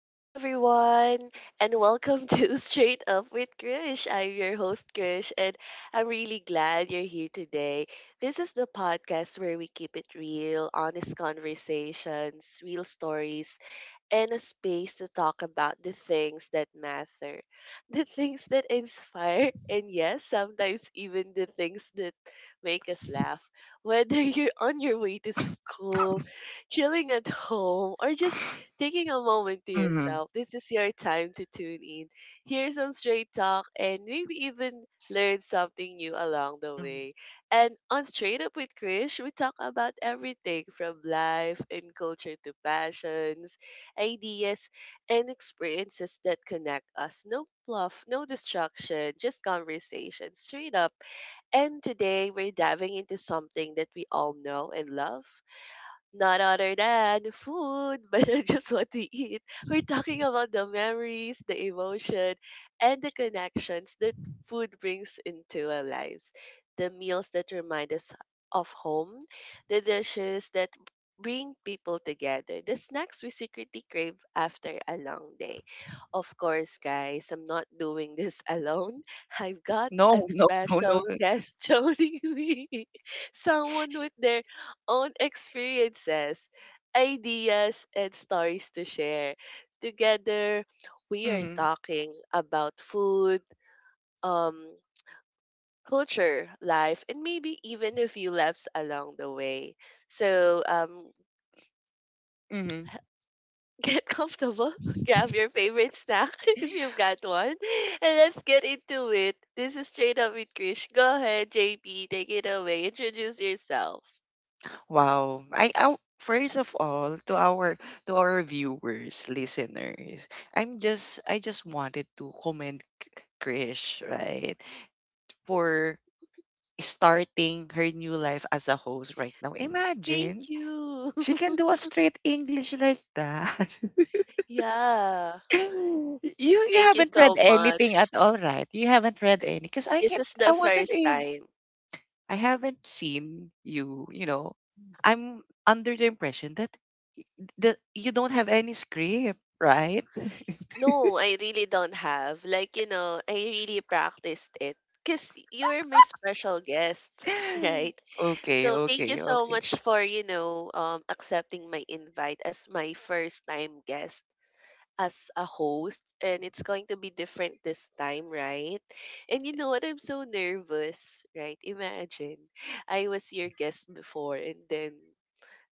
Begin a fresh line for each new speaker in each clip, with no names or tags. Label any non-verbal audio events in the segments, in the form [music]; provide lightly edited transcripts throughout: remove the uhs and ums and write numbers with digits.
Hey everyone, and welcome to [laughs] Straight Up with Krish. I'm your host, Krish, and I'm really glad you're here today. This is the podcast where we keep it real, honest conversations, real stories, and a space to talk about the things that matter, [laughs] the things that inspire, and yes, sometimes even the things that make us laugh. [laughs] Whether you're on your way to school, chilling at home, or just taking a moment to
Mhm,
yourself. This is your time to tune in, hear some straight talk, and maybe even learn something new along the
mhm.
way. And on Straight Up with Krish, we talk about everything from life and culture to passions, ideas, and experiences that connect us. No fluff, no distraction, just conversation, straight up. And today we're diving into something that we all know and love not other than food, [laughs] but I just what to eat. We're talking about the memories, the emotion, and the connections that food brings into our lives. The meals that remind us of home, the dishes that bring people together, the snacks we secretly crave after a long day. Of course, guys, I'm not doing this [laughs] alone. I've got a
No, [laughs] no, no, no.
special guest [laughs] joining me someone with their own experiences, ideas, and stories to share. Together, we are
Mhm,
talking about food, um, culture, life, and maybe even a few laughs along the way. So,
mhm.
[laughs] get comfortable, [laughs] grab your favorite snack [laughs] if you've got one, and let's get into it. This is Straight Up with Krish. Go ahead, JP, take it away. Introduce yourself.
Wow. I first of all, to our viewers, listeners, I just wanted to commend Krish, right? For starting her new life as a host right now.
Thank
Imagine
you.
she can do
[laughs]
a straight English like that.
Yeah.
[laughs] You
Thank you
haven't read
so
anything
much.
at all, right? You haven't read any because I
This
can't
is
I
the
wasn't
first
able.
time.
I haven't seen you, you know. I'm under the impression that you don't have any script, right?
No, I really don't have. Like, you know, I really practiced it because you're my special guest, [laughs]
[laughs]
right?
okay,
So thank
okay,
you so
okay.
much for, you know, accepting my invite as my first time guest as a host. And it's going to be different this time, right? And you know what? I'm so nervous, right? Imagine I was your guest before and then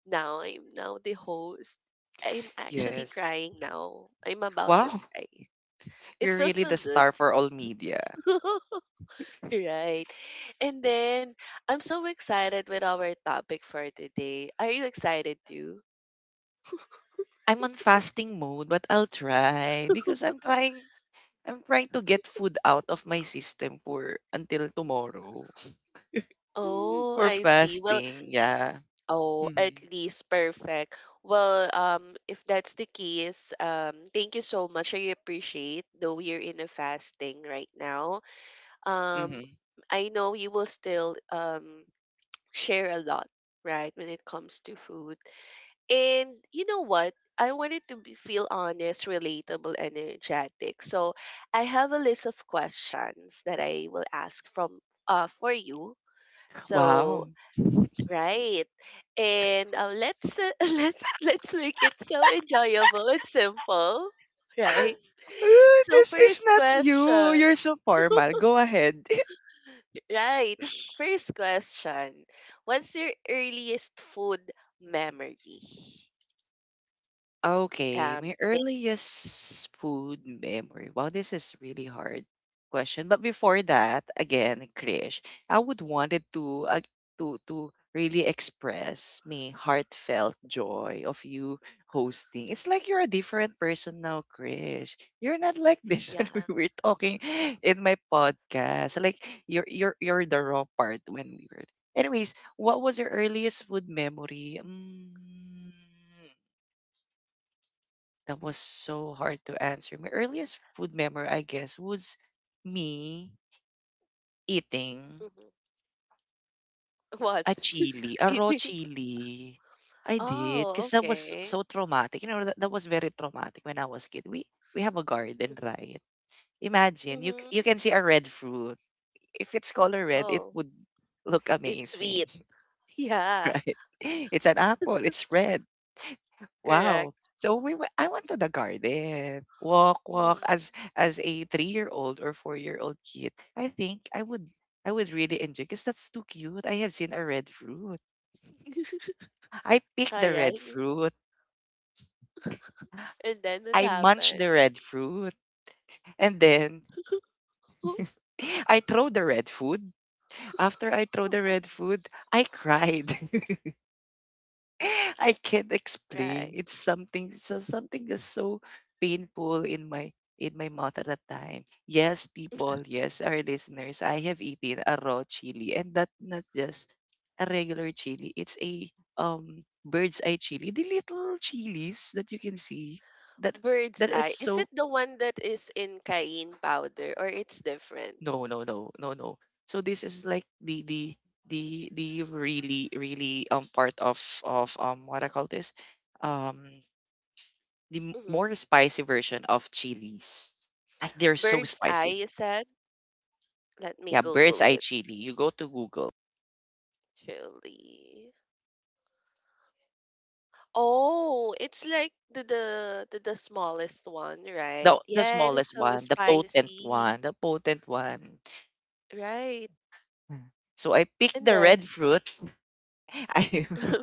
now I'm now the host. I'm actually
Yes.
crying now. I'm about to
Wow, [laughs]
cry. It
you're
feels
really
so
the
good.
star for all media.
[laughs] Right. And then I'm so excited with our topic for today. Are you excited too?
I'm on fasting mode, but I'll try because I'm trying to get food out of my system for until tomorrow. [laughs]
Oh,
For
I see. Well,
fasting, yeah.
oh, at
Mhm.
least perfect. Well, if that's the case, thank you so much. I appreciate though you're in a fasting right now. Um,
Mhm.
I know you will still share a lot, right, when it comes to food. And you know what? I wanted to be, feel honest, relatable, energetic. So I have a list of questions that I will ask from for you. So
Wow.
right, and let's [laughs] let's make it so enjoyable and simple, [laughs] right?
[laughs]
So
This is
first
not you.
question,
You're so formal. Go ahead.
right? First question: what's your earliest food memory?
Okay,
Um,
my
may-
earliest food memory. Wow, this is really hard question. But before that, again, Krish, I would wanted to to really express me heartfelt joy of you hosting. It's like you're a different person now, Krish. You're not like this [laughs]
yeah.
when we were talking in my podcast. Like you're the raw part when we were. Anyways, what was your earliest food memory? Mm, that was so hard to answer. My earliest food memory, I guess, was me eating
Hmm. What?
a chili,
[laughs]
a raw
Eating.
chili. I did,
Oh,
because that was
okay.
so traumatic. You know, that was very traumatic when I was kid. We have a garden,
Mm-hmm.
right? Imagine you
Hmm.
you can see a red fruit. If it's color red, it
Oh,
would look
it's
amazing,
sweet. [laughs]
[laughs]
Yeah,
right? It's an apple. It's red.
correct.
Wow. So we went, I went to the garden, walk
Mhm.
as a three-year-old or four-year-old kid. I think I would really enjoy because that's too cute. I have seen a red fruit. I picked
All
the red
right.
fruit.
And then it
I munch
happened.
the red fruit, and then
[laughs]
[laughs] I throw the red food. After I throw the red food, I cried. [laughs] [laughs] I can't explain.
Right.
It's something, it's just something that's so painful in my mouth at that time. Yes, people, yes, our listeners, I have eaten a raw chili, and that not just a regular chili. It's a bird's eye chili. The little chilies that you can see that
Bird's
that is
eye. Is it
so
the one that is in cayenne powder or it's different?
no no no no no. So this is like the really really part of what I call this um the more
Hmm.
spicy version of chilies. Like they're so
Bird's eye,
spicy.
you said? Let me
Yeah, bird's
Google
eye
it.
chili. You go to Google.
Chili. Oh, it's like the smallest one, right?
The
Yeah, it is
smallest
so
one, the potent one,
spicy,
the potent one.
right?
Mm. So I pick
And
the
then
red fruit. [laughs] I,
[laughs]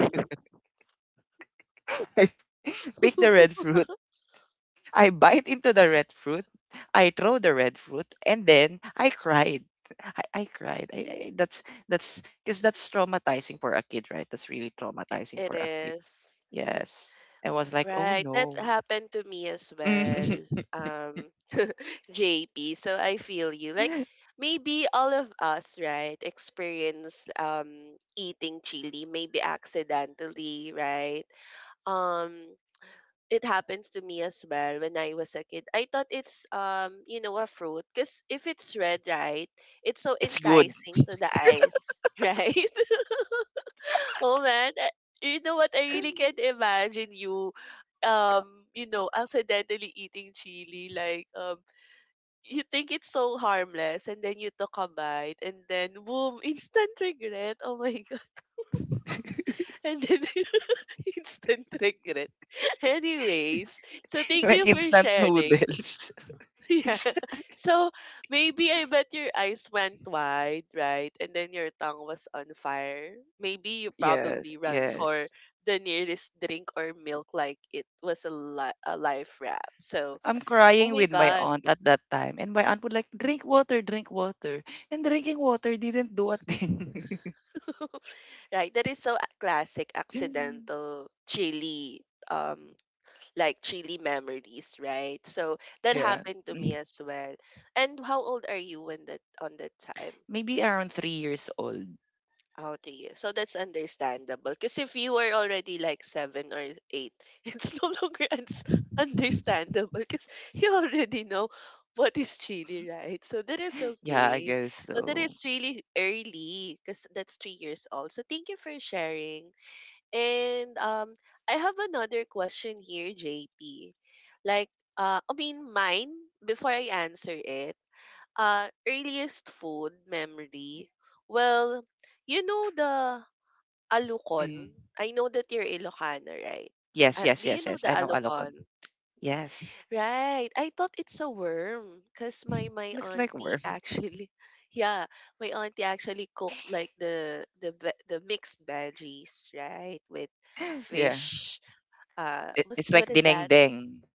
[laughs] I pick the red fruit. I bite into the red fruit. I throw the red fruit, and then I cried. I cried. That's that's because that's traumatizing for a kid, right? That's really traumatizing
it
for a kid.
is
Yes. I was like, oh
right. That
no.
happened to me as well,
Mhm.
um, JP. So I feel you. Like
[laughs]
maybe all of us, right, experience eating chili, maybe accidentally, right? Um, it happens to me as well when I was a kid. I thought it's you know, a fruit because if it's red, right, it's so
It's good.
enticing to the eyes, [laughs] right? Oh man, you know what? I really can't imagine you, you know, accidentally eating chili. Like you think it's so harmless, and then you took a bite, and then boom, [laughs] instant regret. Oh my god,
[laughs]
[laughs] and then [laughs] instant regret. [laughs] Anyways, so thank
Like
you for
instant
sharing.
noodles.
[laughs]
[laughs]
Yeah.
It's-
So maybe I bet your eyes went wide, right? And then your tongue was on fire. Maybe you
Yes,
probably ran
yes.
for the nearest drink or milk like it was a life raft. So,
I'm
oh
crying
my
with my
God.
aunt at that time, and my aunt would like, drink water, drink water. And drinking water didn't do a thing.
[laughs] Right. That is so classic
[laughs]
accidental chili um like chili memories, right? So that
Yeah.
happened to me
Mm.
as well, and how old are you when that on that time?
Maybe around 3 years old.
Oh, three. So that's understandable. Because if you were already like seven or eight, [laughs] it's no longer uns-
[laughs]
understandable because you already know what is chili, right? So that is
Yeah, I
okay.
guess
So that
so.
is really early because that's 3 years old. So thank you for sharing. And I have another question here, JP. Like, I mean, mine before I answer it earliest food memory, well, you know the
Mm.
alukon? I know that you're Ilocano, right?
Yes, yes,
Do you
yes,
know
yes.
the
I know Alokon.
alukon?
Yes.
Right. I thought it's a worm because my
Looks like
auntie
worm.
actually, [laughs] yeah, my auntie actually cooked like the mixed veggies, right, with
[laughs] Yeah.
fish.
It, it's like
What is that?
dinengdeng.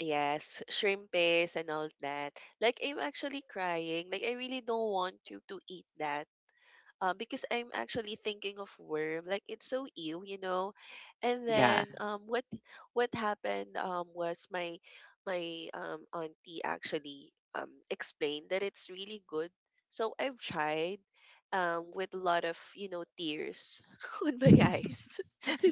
Yes, shrimp paste and all that. Like I'm actually crying. Like I really don't want you to eat that. Because I'm actually thinking of worm. Like it's so ew, you know. And
Yeah.
then what happened was my auntie actually explained that it's really good. So I've tried with a lot of you know tears [laughs] on my eyes.
[laughs]
[laughs]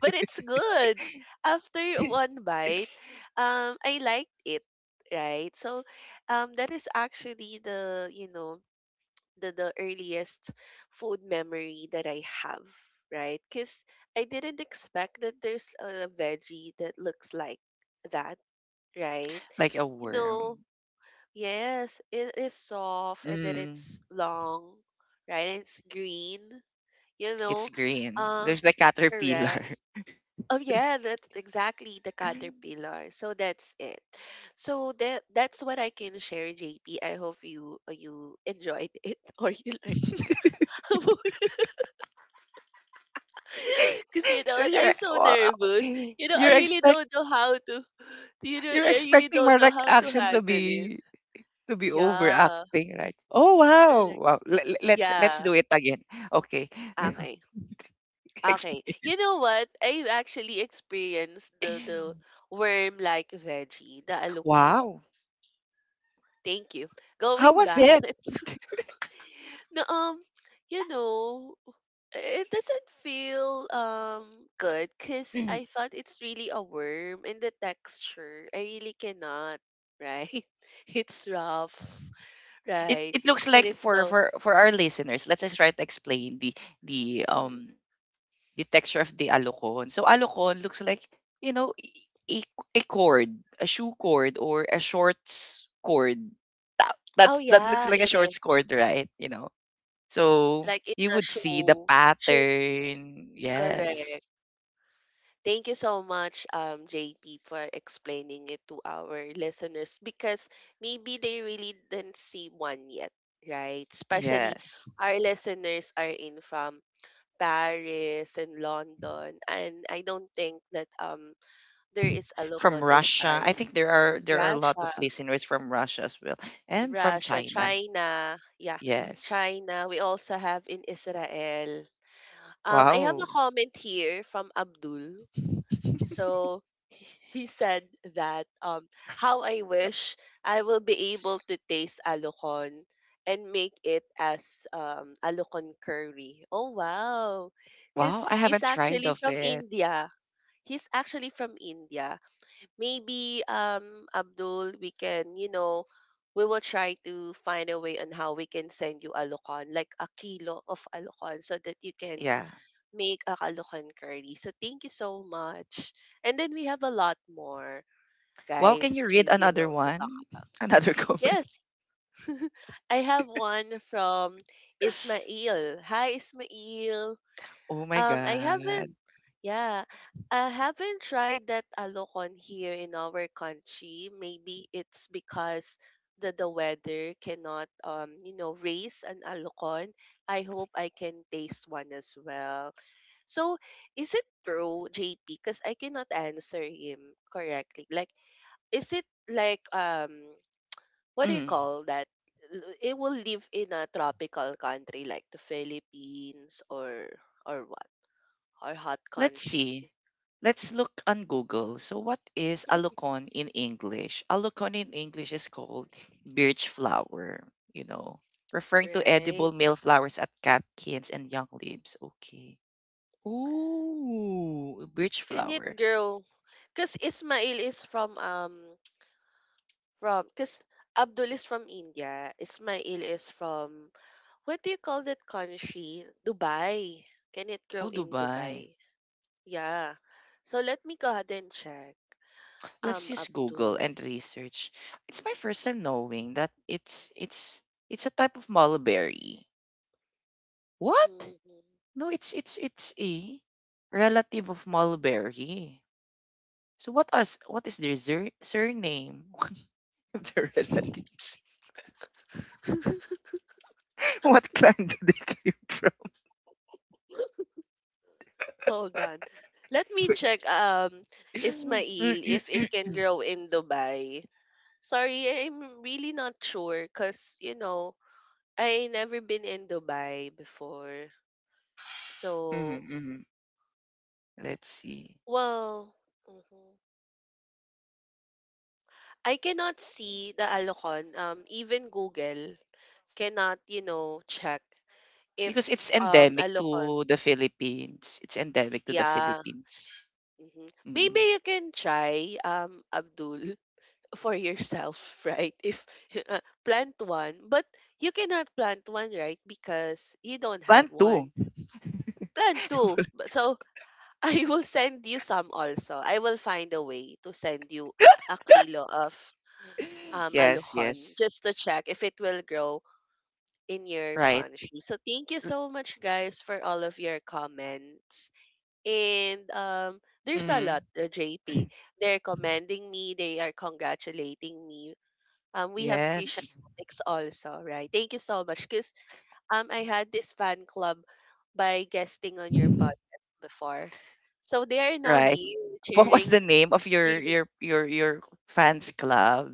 But it's good. After one bite, I liked it, right? So, that is actually the you know the earliest food memory that I have, right? Because I didn't expect that there's a veggie that looks like that, right?
Like a
You know,
worm.
yes, it is soft and then
Mm,
it's long, right? And it's green, you
it's
know,
green.
uh,
There's the caterpillar.
correct. Oh yeah, that's exactly the caterpillar. So that's it. So that that's what I can share, JP. I hope you you enjoyed it [laughs] or you learned [laughs]
[laughs]
because you know
So
what,
you're
I'm so
well,
nervous. You know, I
you're
really
expect
don't know how to. You know,
you're
I really
expecting
don't
my
know
like
how to
action
handle it.
to be
Yeah,
overacting, right? Oh wow,
correct.
wow. Let's
Yeah.
do it again. Okay,
Okay.
[laughs]
Okay.
explain.
You know what? I've actually experienced the worm like veggie, the alukon.
Wow,
Thank you.
how
Going
was
back, [laughs]
it?
let's no, you know, it doesn't feel good because I thought it's really a worm and the texture. I really cannot, right? [laughs] It's rough,
it,
right?
it looks
It
like,
is
for
so.
for our listeners, let's just try to explain the the
Mm.
um the texture of the alocon. So alocon looks like, you know, a a cord, a shoe cord, or a shorts cord,
Oh
that looks
yeah,
like a
it is
shorts cord, right, you know? So
like in
you
a
would see the
show. Show
pattern. Yes,
correct. Thank you so much, JP, for explaining it to our listeners because maybe they really didn't see one yet, right? Especially
yes.
our listeners are in from Paris and London, and I don't think that there is a
From
lockdown in
Russia, I
Paris,
think there are, there are a lot of
Russia,
listeners from Russia as well, and from
Russia,
China.
China, yeah,
Yes.
China. We also have in Israel. I have
Wow.
a comment here from Abdul. So [laughs] he said that how I wish I will be able to taste alukon and make it as alukon curry. Oh wow.
Wow,
Cuz
I
he's
haven't tried
actually
of
from
it.
India. He's actually from India. Maybe Abdul, we can, you know, we will try to find a way on how we can send you alukon, like a kilo of alukon so that you can
Yeah.
make a caldocan curry. So thank you so much. And then we have a lot more
Wow, can
guys
you
to,
read
you
another
know, to talk.
one? [laughs] Another comment.
Yes, I have one from
[laughs]
Ismail. Hi Ismail.
Oh my
Um I haven't
God.
yeah, I haven't tried that alokon here in our country. Maybe it's because the weather cannot you know raise an alokon. I hope I can taste one as well. So, is it true, JP? Because I cannot answer him correctly. Like, is it like what do you
Mm.
call that? It will live in a tropical country like the Philippines or what or hot
Let's
country,
see. Let's look on Google. So, what is alocon in English? Alocon in English is called birch flower, you know, referring to
right?
edible male flowers at catkins and young leaves. Okay. Ooh, birch
Can it
flower.
grow? Because Ismail is from because Abdul is from India. Ismail is from what do you call that country? Dubai. Can it grow
Oh,
in
Dubai.
Dubai? Yeah. So let me go ahead and check.
Let's use Google
Abdul.
and research. It's my first time knowing that it's it's a type of mulberry. What?
Hmm.
No, it's it's a relative of mulberry. So what are what is their surname? [laughs] One of their relatives. [laughs] What clan do they came from?
Hold on. Let me check, Ismail, if it
[laughs]
can grow in Dubai. Sorry, I'm really not sure because, you know, I never been in Dubai before. So,
Mm-mm-mm. Let's see.
well, mhm. I cannot see the Alocon. Even Google cannot, you know, check
Because it's
if
endemic
Alocon.
to the Philippines. It's endemic to the
Yeah,
Philippines.
mhm. Maybe
Mm.
you can try, Abdul, [laughs] for yourself, right? If [laughs] plant one, but you cannot plant one, right? Because you don't have
Plant
one.
two.
Plant two.
[laughs]
So [laughs] I will send you some also. I will find a way to send you a kilo
[laughs]
of
Yes,
aluhan
yes.
just to check if it will grow in your
Right.
country. So thank you so much, guys, for all of your comments. And there's a lot,
Mm-hmm.
JP. They're commending me. They are congratulating me. We have Christian
Yes.
ethics also, right? Thank you so much. Because I had this fan club by guesting on your podcast before. So they are now
Right. [laughs]
here
What was
cheering,
the name of your
cheering
your fans club?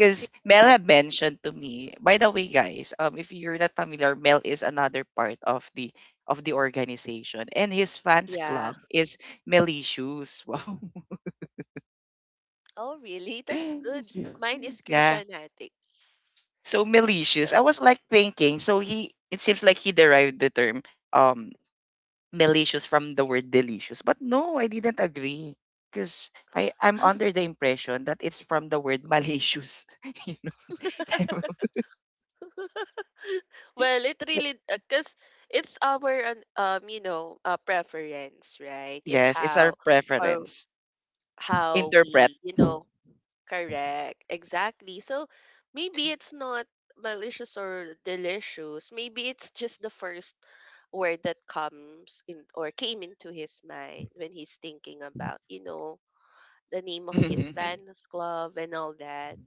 Because
Christian
Mel
ethics.
had mentioned to me. By the way, guys, if you're not familiar, Mel is another part of the organization, and his fans
Yeah.
club is Melicious. [laughs] Wow.
Oh, really? That's good.
Yeah.
Mine is
Yeah.
Christian ethics.
So Melicious.
So
I was like thinking. So he. It seems like he derived the term. Um. Malicious from the word delicious. But no, I didn't agree. Because I, I'm under the impression that it's from the word malicious. [laughs] You know? [laughs]
well, it
Like,
really because it's our preference, right? If
yes, it's our
how or
preference.
how
Interpret.
we
[laughs]
correct exactly. So maybe it's not malicious or delicious. Maybe it's just the first word that comes in or came into his mind when he's thinking about the name of his
Mhm.
fans club and all that.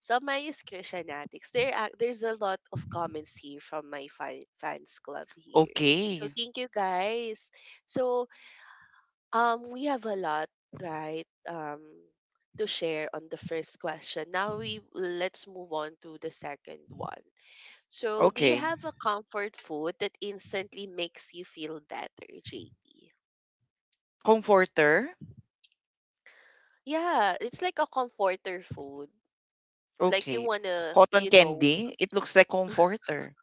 So my is Christian Addicts. There's a lot of comments here from my fans club here. So
Okay.
thank you guys. So we have a lot, right? To share on the first question. Now we let's move on to the second one. So do you
Okay.
have a comfort food that instantly makes you feel better, JP?
Comforter.
Yeah, it's like a comforter food. Like you
Okay.
wanna,
Cotton candy. It looks like comforter.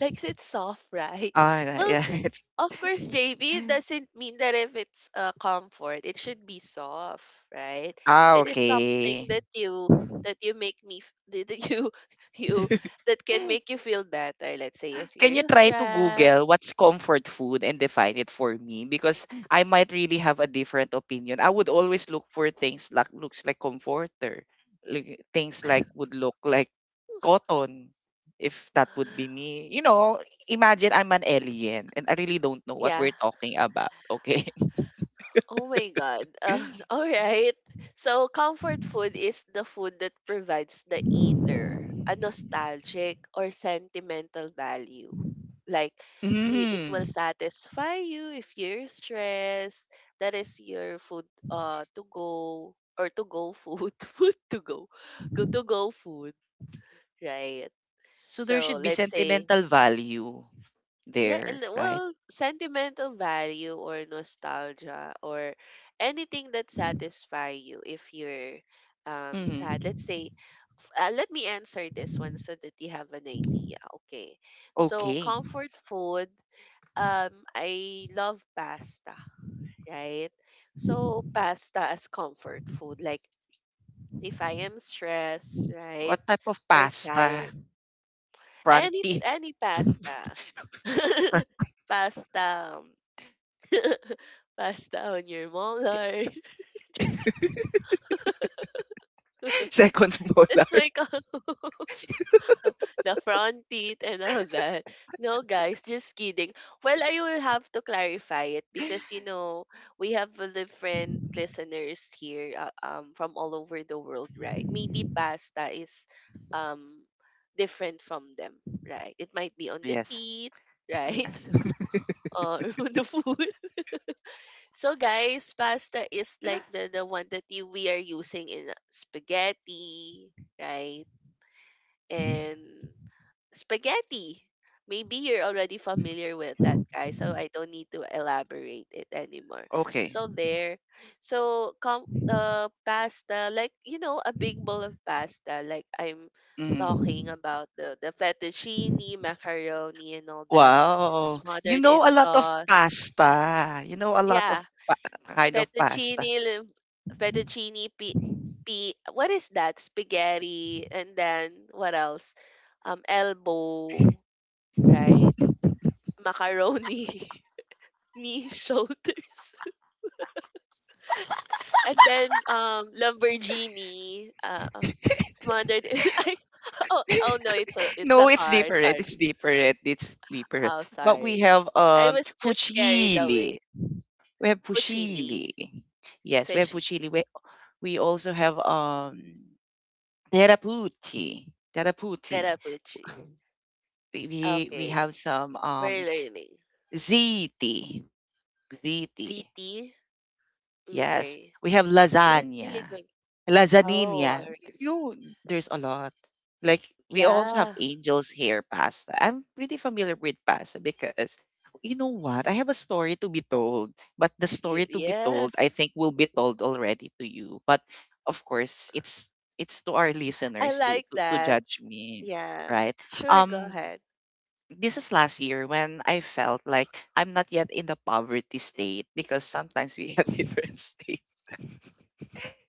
like it's soft, [laughs] right?
Ah,
Well,
yeah. [laughs] It's...
of course, JB, it
[laughs]
doesn't mean that if it's comfort, it should be soft, right?
Ah,
It is something
okay.
that you [laughs] that you [laughs] you that can
[laughs]
make you feel better. Let's say if
Can you
you're
try to
stressed,
Google what's comfort food and define it for me? Because I might really have a different opinion. I would always look for things like looks like comforter, like, things like would look like cotton, if that would be me. You know, imagine I'm an alien and I really don't know what
yeah.
we're talking about. Okay.
Oh my God.
[laughs]
[laughs] All right. So, comfort food is the food that provides the eater a nostalgic or sentimental value. Like, you, it will
Mm.
satisfy you if you're stressed. That is your food to go or to go food. [laughs] Food to go. Go to go food, right?
So there
So,
should be
let's say
sentimental value
yeah,
there,
and
right?
well, sentimental value or nostalgia or anything that satisfy you if you're sad.
Mm.
Let's say, let me answer this one so that you have an idea. Okay, so
Okay.
comfort food. I love pasta, right? So pasta as comfort food. Like if I am stressed, right,
What type of
or tired,
pasta?
any
Franti.
any pasta.
[laughs]
[laughs] Pasta, um, pasta on your molar. [laughs] just kid-
[laughs] Second
that's
molar.
like [laughs] the front teeth and all that. No, guys, just kidding. Well, I will have to clarify it because we have a different listeners here, from all over the world, right? Maybe pasta is, um, different from them, right? It might be on the
Yes.
teeth, right, [laughs] or on the food. So guys, pasta is like the one that you, we are using in spaghetti, right? And spaghetti. Maybe you're already familiar with that guy, so I don't need to elaborate it anymore.
Okay.
So there. So com the pasta, like a big bowl of pasta, like I'm talking
Mm.
about the fettuccine, macaroni and all that,
Wow. You
smothered
know
in
a lot of
sauce.
pasta. You know a lot of
Yeah.
kind of pasta.
Fettuccine, lim- fettuccine, what is that? Spaghetti, and then what else? Elbow, right? Macaroni, [laughs] knee, shoulders, [laughs] and then Lamborghini, smothered [laughs] oh, oh no, it's
No,
a
it's
car.
different.
Sorry.
It's different. It's different.
Oh,
But we
sorry.
have
I was just carried
fusilli.
away.
We have
Fuchili,
fusilli. Yes, we have
fishy,
fusilli. We also have terraputi. Terraputi.
terapuchi.
We we we
Okay,
have some
we're learning.
ziti. Ziti.
ZT?
Yes,
Okay.
we have
That is really
lasagna,
good. Oh,
lasagna.
alright.
You, there's a lot. Like we also have
Yeah.
angel's hair pasta. I'm pretty familiar with pasta because you know what? I have a story to be told, but the
She
story to be told, I
yes.
think, will be told already to you. But of course, it's to our
I
listeners to
like
to
that.
judge me,
Yeah.
right?
Sure, go
Um.
ahead.
This is last year when I felt like I'm not yet in the poverty state, because sometimes we have [laughs] different states.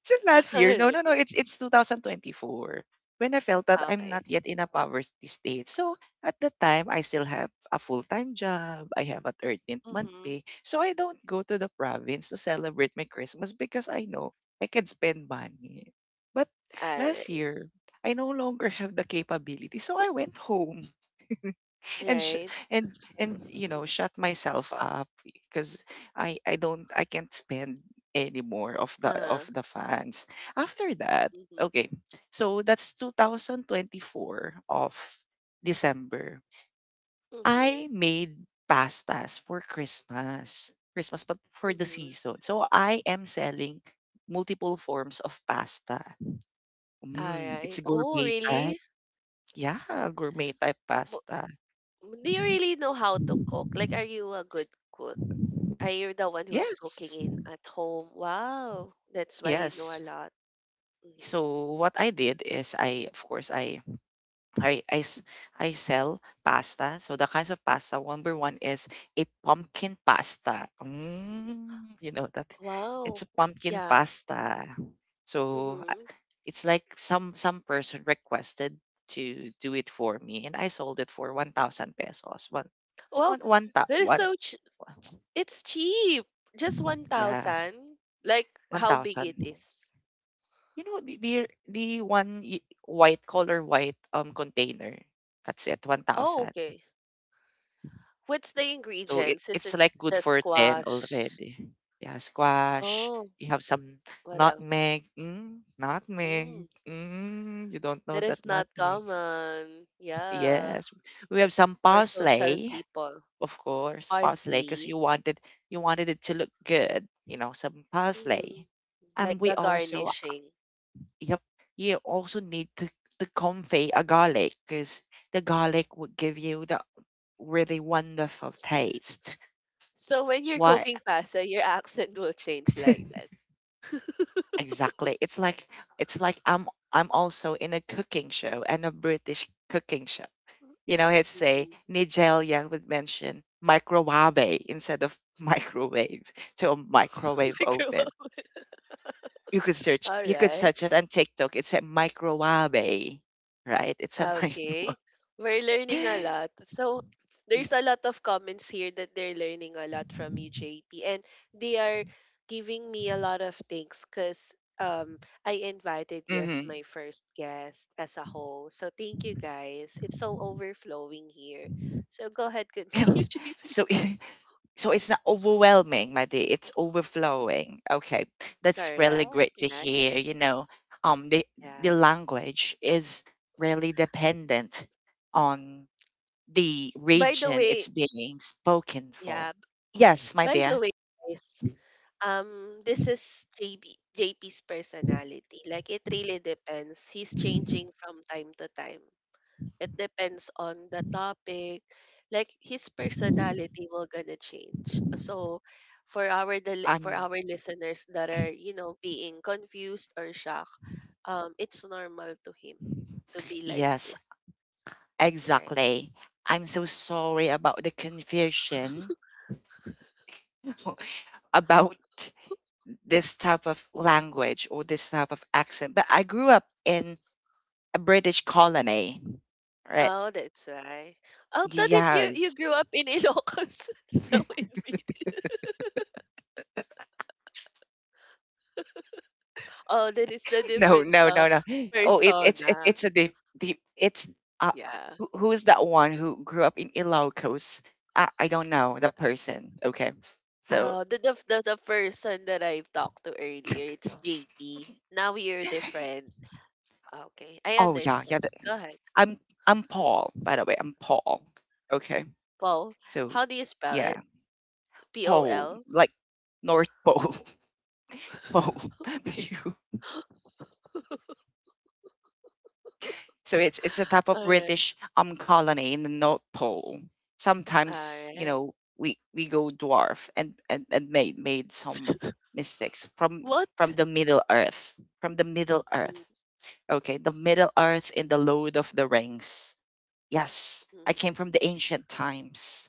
Is it last
[laughs]
year? No, no,
Alright.
no. It's 2024 when I felt that I'm
Okay.
not yet in a poverty state. So at the time, I still have a full time job. I have a 13th month
Mm-hmm.
pay. So I don't go to the province to celebrate my Christmas because I know I can spend money. But last
Alright.
year, I no longer have the capability. So I went home
Right.
and sh-
Right.
and and you know shut myself up because I don't, I can't spend any more
Uh-huh.
of the fans after that.
Mm-hmm.
Okay, so that's 2024 of December.
Mm-hmm.
I made pastas for Christmas, but for the
Mm-hmm.
season. So I am selling multiple forms of pasta. Mm, it's
Alright. Oh,
gourmet type.
really?
Yeah, gourmet type
Mo-
pasta.
Do you really know how to cook? Like, are you a good cook? Are you the one who's cooking
Yes.
in at home? Wow. That's why you know a
Yes.
lot. Mm-hmm.
So what I did is I, of course, I I, s- I sell pasta. So the kinds of pasta number one is a pumpkin pasta. Mm, you know that
Wow.
it's a pumpkin
Yeah.
pasta. So
Mhm.
it's like some person requested to do it for me, and I sold it for 1,000 pesos. One
Well,
one one ta-
that is
one
so ch it's cheap. Just
yeah,
1,000. Like how big
1,000.
it is.
You know, the the one white color, white container. That's it,
Oh,
1,000.
okay. What's the
So it,
ingredients? Is
it's
it
like good
just
for 10
squash?
already. Yeah, squash.
Oh,
You have some
what else?
nutmeg. Mm, nutmeg.
Mm,
Mm, you don't know
that
that
is not
nutmeg.
common. Yeah.
Yes. We have some
For social
parsley,
people.
of course, parsley, because
Parsley.
you wanted it to look good, you know, some
Mm,
parsley. And
like
we
the
also
garnishing.
Yep. You also need to convey a garlic, because the garlic would give you the really wonderful taste.
So when you're
What?
cooking pasta, your [laughs] accent will change like that. [laughs]
[laughs] Exactly. It's like, I'm also in a cooking show, and a British cooking show. You know, it's say
Mm-hmm.
Nigel Young would mention microwave instead of [laughs] microwave, to a microwave oven.
[laughs] All
You could
right.
search it on TikTok. It's a microwave, right? It's a [laughs] microwave.
Okay. We're learning a
[laughs]
lot. So there's a lot of comments here that they're learning a lot from you, JP. And they are giving me a lot of thanks because I invited you as
Mm-hmm.
my first guest as a whole. So thank you guys. It's so overflowing here. So go ahead, continue,
[coughs]
[laughs] JP.
So [laughs] it- so it's not overwhelming, my dear. It's overflowing. Okay. That's really great
Correct.
to hear.
Nice.
You know, um the
Yeah.
the language is really dependent on the
By the
region it's
way,
being spoken for.
yeah.
Yes, my
By the
dear.
way, guys. This is JB, JP's personality. Like it really depends. He's changing from time to time. It depends on the topic. Like his personality will gonna change. So for
Um
our listeners that are, being confused or shocked, it's normal to him to be like
yes,
this, right?
exactly. I'm so sorry about the confusion [laughs] about this type of language or this type of accent. But I grew up in a British colony, right?
Oh, that's why. I thought that you
Yes. [laughs]
grew up in Ilocos. [laughs] No, in oh, that is the
No,
different
no, no, no. Oh, it, it's it,
persona.
it's a deep, deep. It's uh
Yeah.
who's that one who grew up in Ilocos? I don't know the person. Okay. So,
The person that I've talked to earlier, it's JP. Now you're different. Okay, I
oh, yeah, yeah.
understand. Go ahead.
I'm I'm Paul, by the way. I'm Paul. Okay.
Paul,
So,
how do you spell it?
yeah,
P O
Paul,
L.
like North Pole, [laughs] Pole.
[laughs] Okay.
[laughs]
[laughs]
So it's a type of
All right.
British colony in the North Pole.
All
Sometimes, you
right.
know, we go dwarf and made some mistakes from
What?
the Middle Earth. From the Middle Earth.
Mm,
Okay, the Middle Earth in the Lord of the Rings. Yes. I
mhm.
came from the ancient times.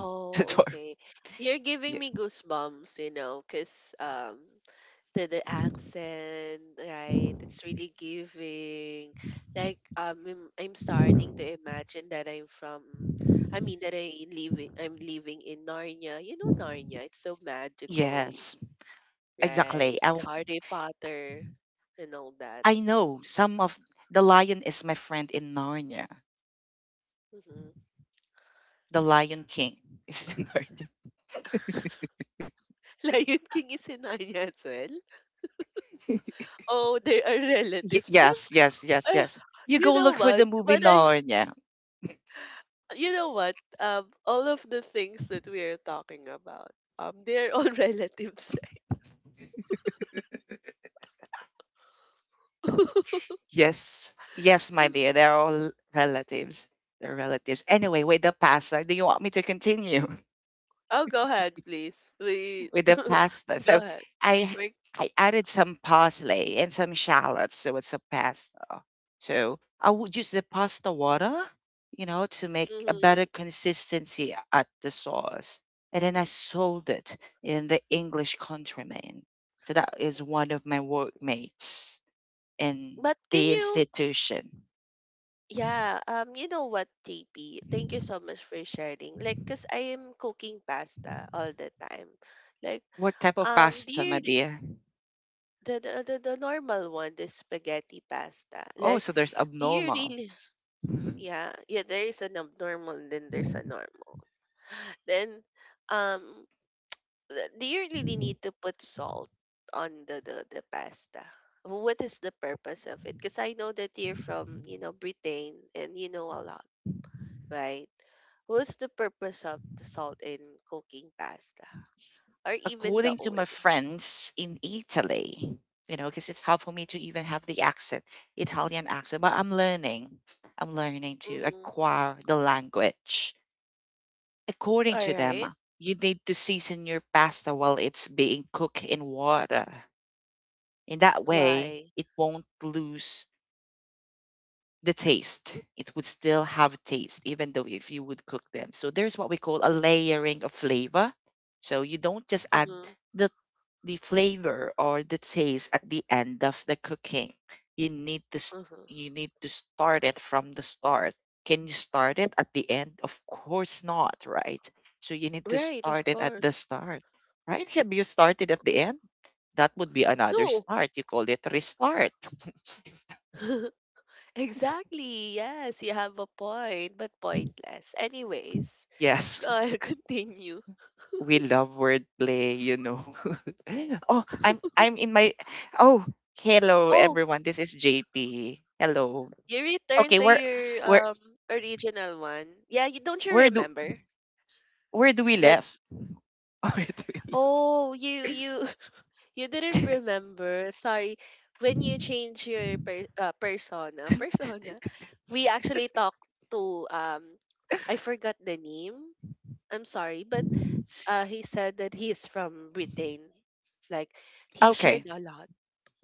[laughs] The dwarf.
okay. You're giving
Yeah.
me goosebumps, you know, because the accent, right? It's really giving. Like I'm starting to imagine that I'm from. I mean that I living. I'm living in Narnia. You know Narnia. It's so magical,
Yes.
right?
Exactly. I
Harry Potter and all that.
I know some of the lion is my friend in Narnia.
Hmm.
The Lion King [laughs] is in Narnia.
[laughs] Lion King is in Narnia as well.
[laughs]
Oh, they are
Y-
relatives. [laughs]
yes, yes, yes,
Eh, eh,
yes. You
you
go
know
look for
what?
the movie
When I
Narnia.
you know what? All of the things that we are talking about, they're all [laughs] relatives, right? [laughs]
Yes, yes, my dear. They're all relatives. They're relatives. Anyway, do you want me to continue?
Oh, go ahead, please. We
With the
[laughs]
pasta.
go
So
ahead.
I
We,
I added some parsley and some shallots with it's pasta. So I would use the pasta water, you know, to make a better
mhm.
consistency at the sauce. And then I sold it in the English Countryman. So that is one of my workmates in
But can
the
you?
institution.
Yeah. You know what, JP? Thank you so much for sharing. Like, cause I am cooking pasta all the time. Like,
What type of
um, do
pasta, my
you re-
dear?
the the normal one, the spaghetti pasta?
Oh,
Like,
so there's
do you
abnormal.
really? Yeah, yeah, there is an abnormal and then there's a normal. Then um do you really need to put salt on the pasta? What is the purpose of it? Because I know that you're from, you know, Britain and you know a lot, right? What's the purpose of the salt in cooking pasta or even the
According to my
oil?
friends in Italy, you know, because it's hard for me to even have the accent, Italian accent, but I'm learning. I'm learning to
Mm-hmm.
acquire the language. According
All
to
right.
them, you need to season your pasta while it's being cooked in water. In that way,
Why?
it won't lose the taste. It would still have taste, even though if you would cook them. So there's what we call a layering of flavor. So you don't just add
Mm-hmm.
the the flavor or the taste at the end of the cooking. You need to s-
Mm-hmm.
you need to start it from the start. Can you start it at the end? Of course not, right? So you need to
Right,
start
of
it at the
course.
start, right? Have you started at the end? That would be another
No.
start. You call it restart. [laughs]
[laughs] Exactly. Yes, you have a point, but pointless. Anyways,
Yes,
go ahead, [laughs] continue.
we love wordplay, you know. [laughs] oh, I'm in my oh, Hello
Oh,
everyone. This is JP. Hello.
you return
Okay.
to your
We're
original one. Yeah, you don't you
Where do
remember
where do we
that?
left? [laughs] Where do we left?
Oh, you [laughs] you didn't remember. Sorry. When you change your persona, we actually talked to I forgot the name. I'm sorry, but he said that he's from Britain. Like he
Okay.
shared a lot.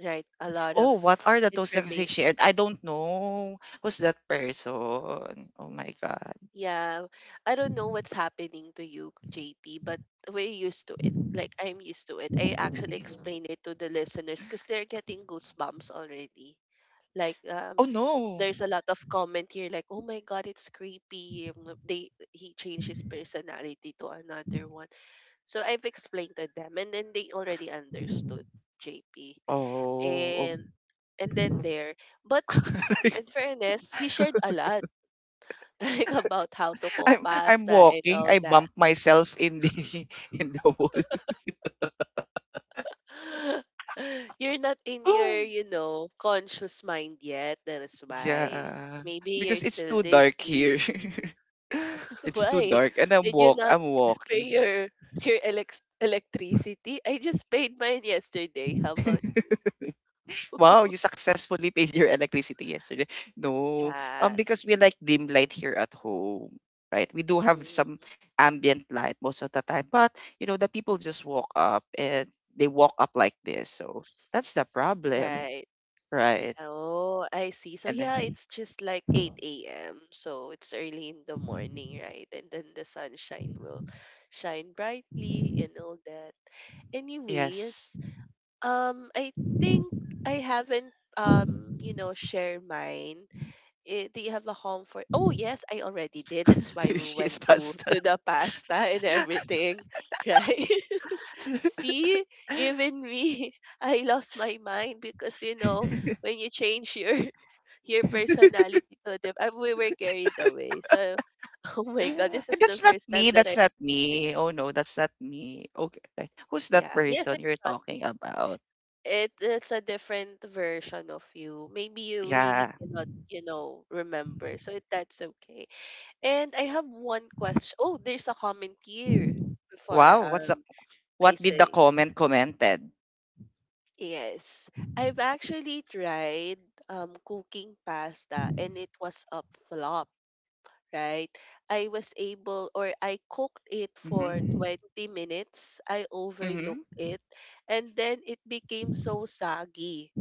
Right, a lot of
Oh, what are the toasts that they
information.
shared? I don't know. Who's that person? Oh my god.
Yeah, I don't know what's happening to you, JP, but we're used to it. Like, I'm used to it. I actually explain it to the listeners because they're getting goosebumps already. Like,
Oh no.
there's a lot of comment here, like, oh my God, it's creepy. They he changed his personality to another one. So I've explained to them, and then they already understood JP,
Oh, oh.
and then there. But in
[laughs]
fairness, he shared a lot [laughs] like about how to cook
I'm
pasta and
walking.
all
I
that.
bump myself in the [laughs] in the wall.
[gasps] [laughs] You're not in your, you
[gasps]
know, conscious mind yet. That is why.
Yeah.
Maybe
Because
you're
it's
still
too dark here.
lazy.
[laughs]
[laughs]
It's too
Why?
dark and I'm
Did you
walk
not
I'm
[laughs] pay
walking.
your electricity? I just paid mine yesterday. How about
[laughs] Wow, you
[laughs]
successfully paid your electricity yesterday. No,
yes.
because we like dim light here at home, right? We do have some
Mhm.
ambient light most of the time, but you know, the people just walk up and they walk up like this, so that's the problem,
Right.
right?
Oh, I see. So
And
yeah,
then,
it's just like 8 a.m. So it's early in the morning, right? And then the sunshine will shine brightly and all that.
yes,
Anyways, I think I haven't you know, shared mine. Eh, do you have a home for? Oh yes, I already did. That's why
[laughs]
we
she is
went
pasta.
to the [laughs] pasta and everything, [laughs] right? See, even me, [laughs] I lost my mind because you know
[laughs]
when you change your [laughs] your personality to them, we were carried away. So, [laughs] oh my god, this
And
is the
that's not
first time
me.
that I
That's not
think.
me. Oh no, that's not me. Okay, right. Who's that
Yeah, yes,
person
it's
you're
not.
talking about?
It it's a different version of you. Maybe you really
Yeah.
cannot, you know, remember. So that's okay. And I have one question. Oh, there's a comment here before I
Wow. What's the
um I
what did the
say
comment commented?
yes. I've actually tried cooking pasta and it was a flop, right? I was able or I cooked it for
Mhm.
20 minutes. I
Mhm.
overlooked it and then it became so soggy.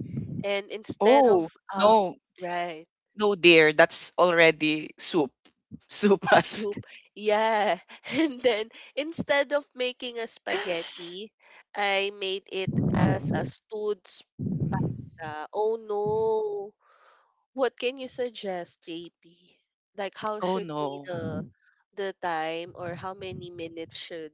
And instead of
Oh, no.
right
No, dear. That's already soup. [laughs] Soupas.
soup
[laughs]
yeah [laughs] and then instead of making a spaghetti I made it as a stewed pasta. Oh no. What can you suggest, JP? Like how
Oh,
should be
no.
the time or how many minutes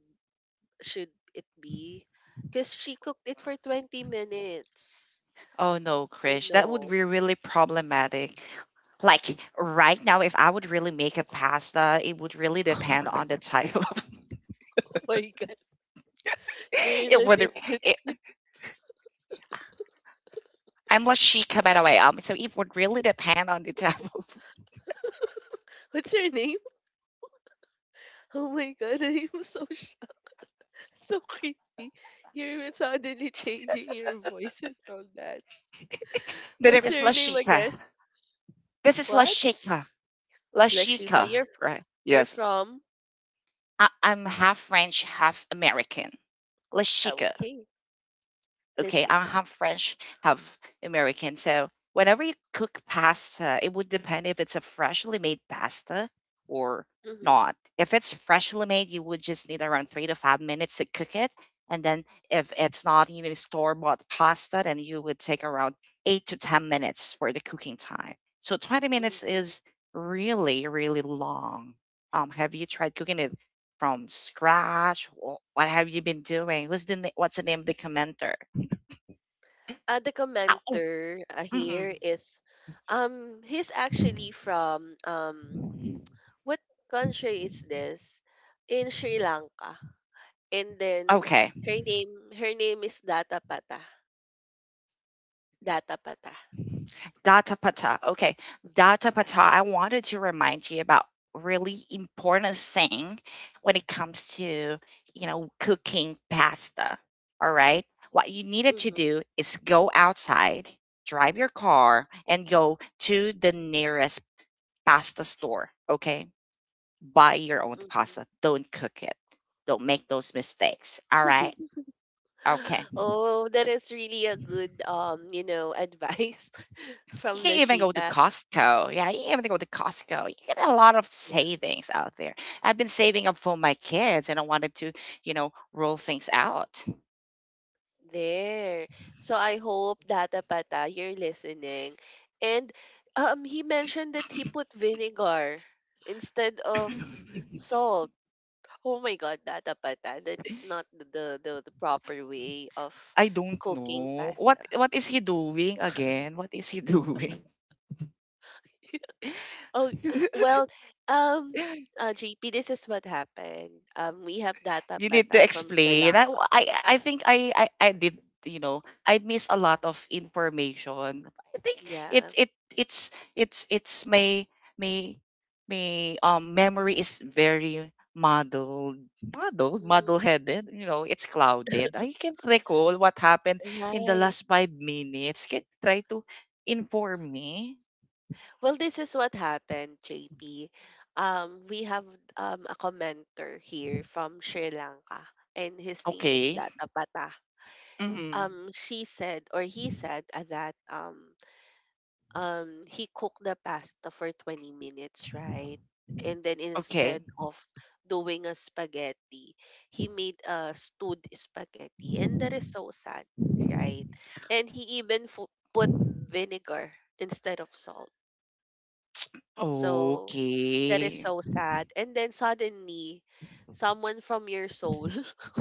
should it be? Because she cooked it for 20 minutes.
Oh, no,
Oh
Krish. That would
no. [laughs]
be really problematic. Like right now, if I would really make a pasta, it would really depend on the type of. [laughs]
Oh my god. You're in
it
a
would
different
it,
[laughs]
I'm Lashika, by the way. So it would really depend on the type of.
What's your name? Oh my god, [laughs] I am so shocked. [laughs] So creepy. You're suddenly changing your voice and all that.
[laughs] The name
What's
is
your name
Lashika.
again?
This is
What?
Lashika.
Lashifa.
Lashika, right?
You're
Yes.
from
I'm half French, half American.
ah,
Lashika.
okay.
Okay, I
Lashika.
have French, have American. So whenever you cook pasta, it would depend if it's a freshly made pasta or
Mm-hmm.
not. If it's freshly made, you would just need around 3 to 5 minutes to cook it. And then if it's not even store-bought pasta, then you would take around eight to 10 minutes for the cooking time. So 20 minutes
Mm-hmm.
is really, really long. Have you tried cooking it from scratch? What have you been doing? What's the name of the commenter?
The
Ow, oh,
commenter here is he's actually from
mm-mm.
what country is this? In Sri Lanka. And then
Okay.
her name, her name is Data Pata. Data Pata.
Data Pata. Okay. Data
Yeah.
Pata, I wanted to remind you about really important thing when it comes to, you know, cooking pasta. All right? What you needed to
mm-hmm,
do is go outside, drive your car and go to the nearest pasta store, okay? Buy your own pasta.
mm-hmm.
Don't cook it. Don't make those mistakes. All right? Okay.
[gasps] Oh, that is really a good advice [laughs]
You
from
can even go to
Lashika.
Costco. Yeah, you can even go to Costco. You get a lot of
Yeah.
savings out there. I've been saving up for my kids and I wanted to, you know, roll things out.
There. So I hope Data Pata, you're listening. And he mentioned that he put vinegar instead of
[coughs] [laughs]
salt. Oh my god, Data Pata, that's not the proper way of
I don't
cooking
know.
pasta.
What is he doing again? What is he doing?
[laughs] Oh, well,
[laughs]
um, JP, this is what happened. We have Data
You need to
Pata from Sri
explain. I
Lanka.
I, I think I did, you know, I miss a lot of information. I think it
Yeah.
it it's my my memory is very muddled
Mm,
muddle headed, you know. It's clouded. I can't recall what happened in the
right.
last 5 minutes. Can you try to inform me?
Well, this is what happened, JP. We have a commenter here from Sri Lanka, and his name is
Okay.
Data Pata.
Hmm.
She said, or he said, that he cooked the pasta for 20 minutes, right? And then
Okay.
instead of doing a spaghetti, he made a stewed spaghetti, and that is so sad, right? And he even put vinegar instead of salt, so that is
Okay.
so sad. And then suddenly, someone from your soul [laughs]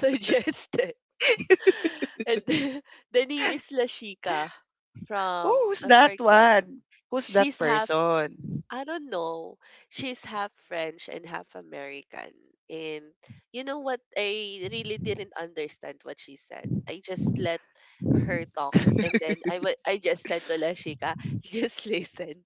suggested. [laughs] And then, the name is Lashika from,
Oh, who's
I
that
forgot.
one? Who's that
She's half,
person?
I don't know, she's half French and half American. And you know what? I really didn't understand what she said. I just let her talk. And then I just said to Lashika, [laughs] just listen.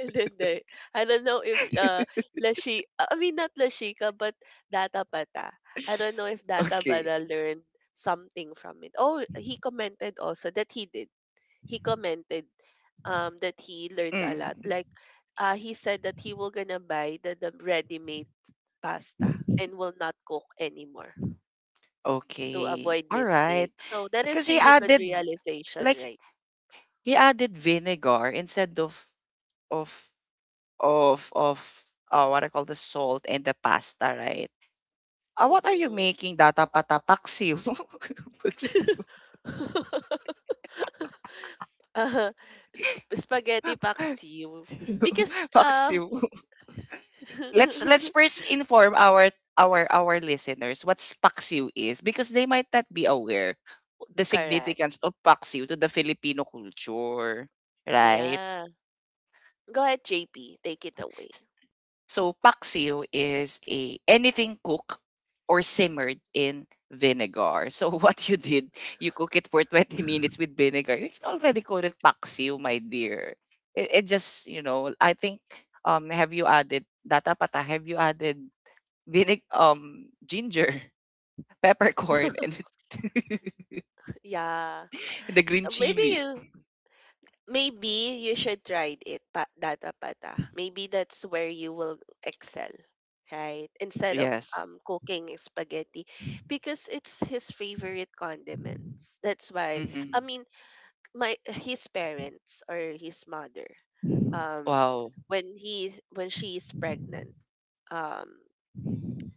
And Hindi. I don't know if, lashi I mean, not Lashika, but Data Pata. I don't know if Data
Okay.
Pata learned something from it. Oh, he commented also that he did. He commented that he learned a
Mm.
lot. Like, he said that he will gonna buy the ready-made pasta and will not cook anymore to
Okay.
avoid
All right.
mistake. So that
Because
is
he
really good
added,
realization,
like,
right?
he added vinegar instead of of what I call, the salt and the pasta, right? What are you
Mm-hmm.
making? Data pata paksiw. [laughs] Paksiw.
[laughs] [laughs] Uh-huh. Spaghetti pak because,
[laughs] Paksiw. Let's
[laughs]
first inform our listeners what Paksiw is because they might not be aware the
correct.
significance of Paksiw to the Filipino culture, right?
Yeah. Go ahead, JP, take it away.
So Paksiw is a anything cooked or simmered in vinegar. So [laughs] what you did, you cook it for 20 [laughs] minutes with vinegar. You can already call it Paksiw, my dear. It just, you know, I think, um, have you added, Data Pata, have you added vinegar, ginger, [laughs] peppercorn, and [laughs]
[laughs] Yeah.
the green
Uh, Maybe
chili?
you maybe you should try it pa data pata. Maybe that's where you will excel, right? Instead of
Yes.
cooking spaghetti because it's his favorite condiments. That's why
Mm-mm.
I mean my his parents or his mother um
Wow.
when he when she is pregnant, um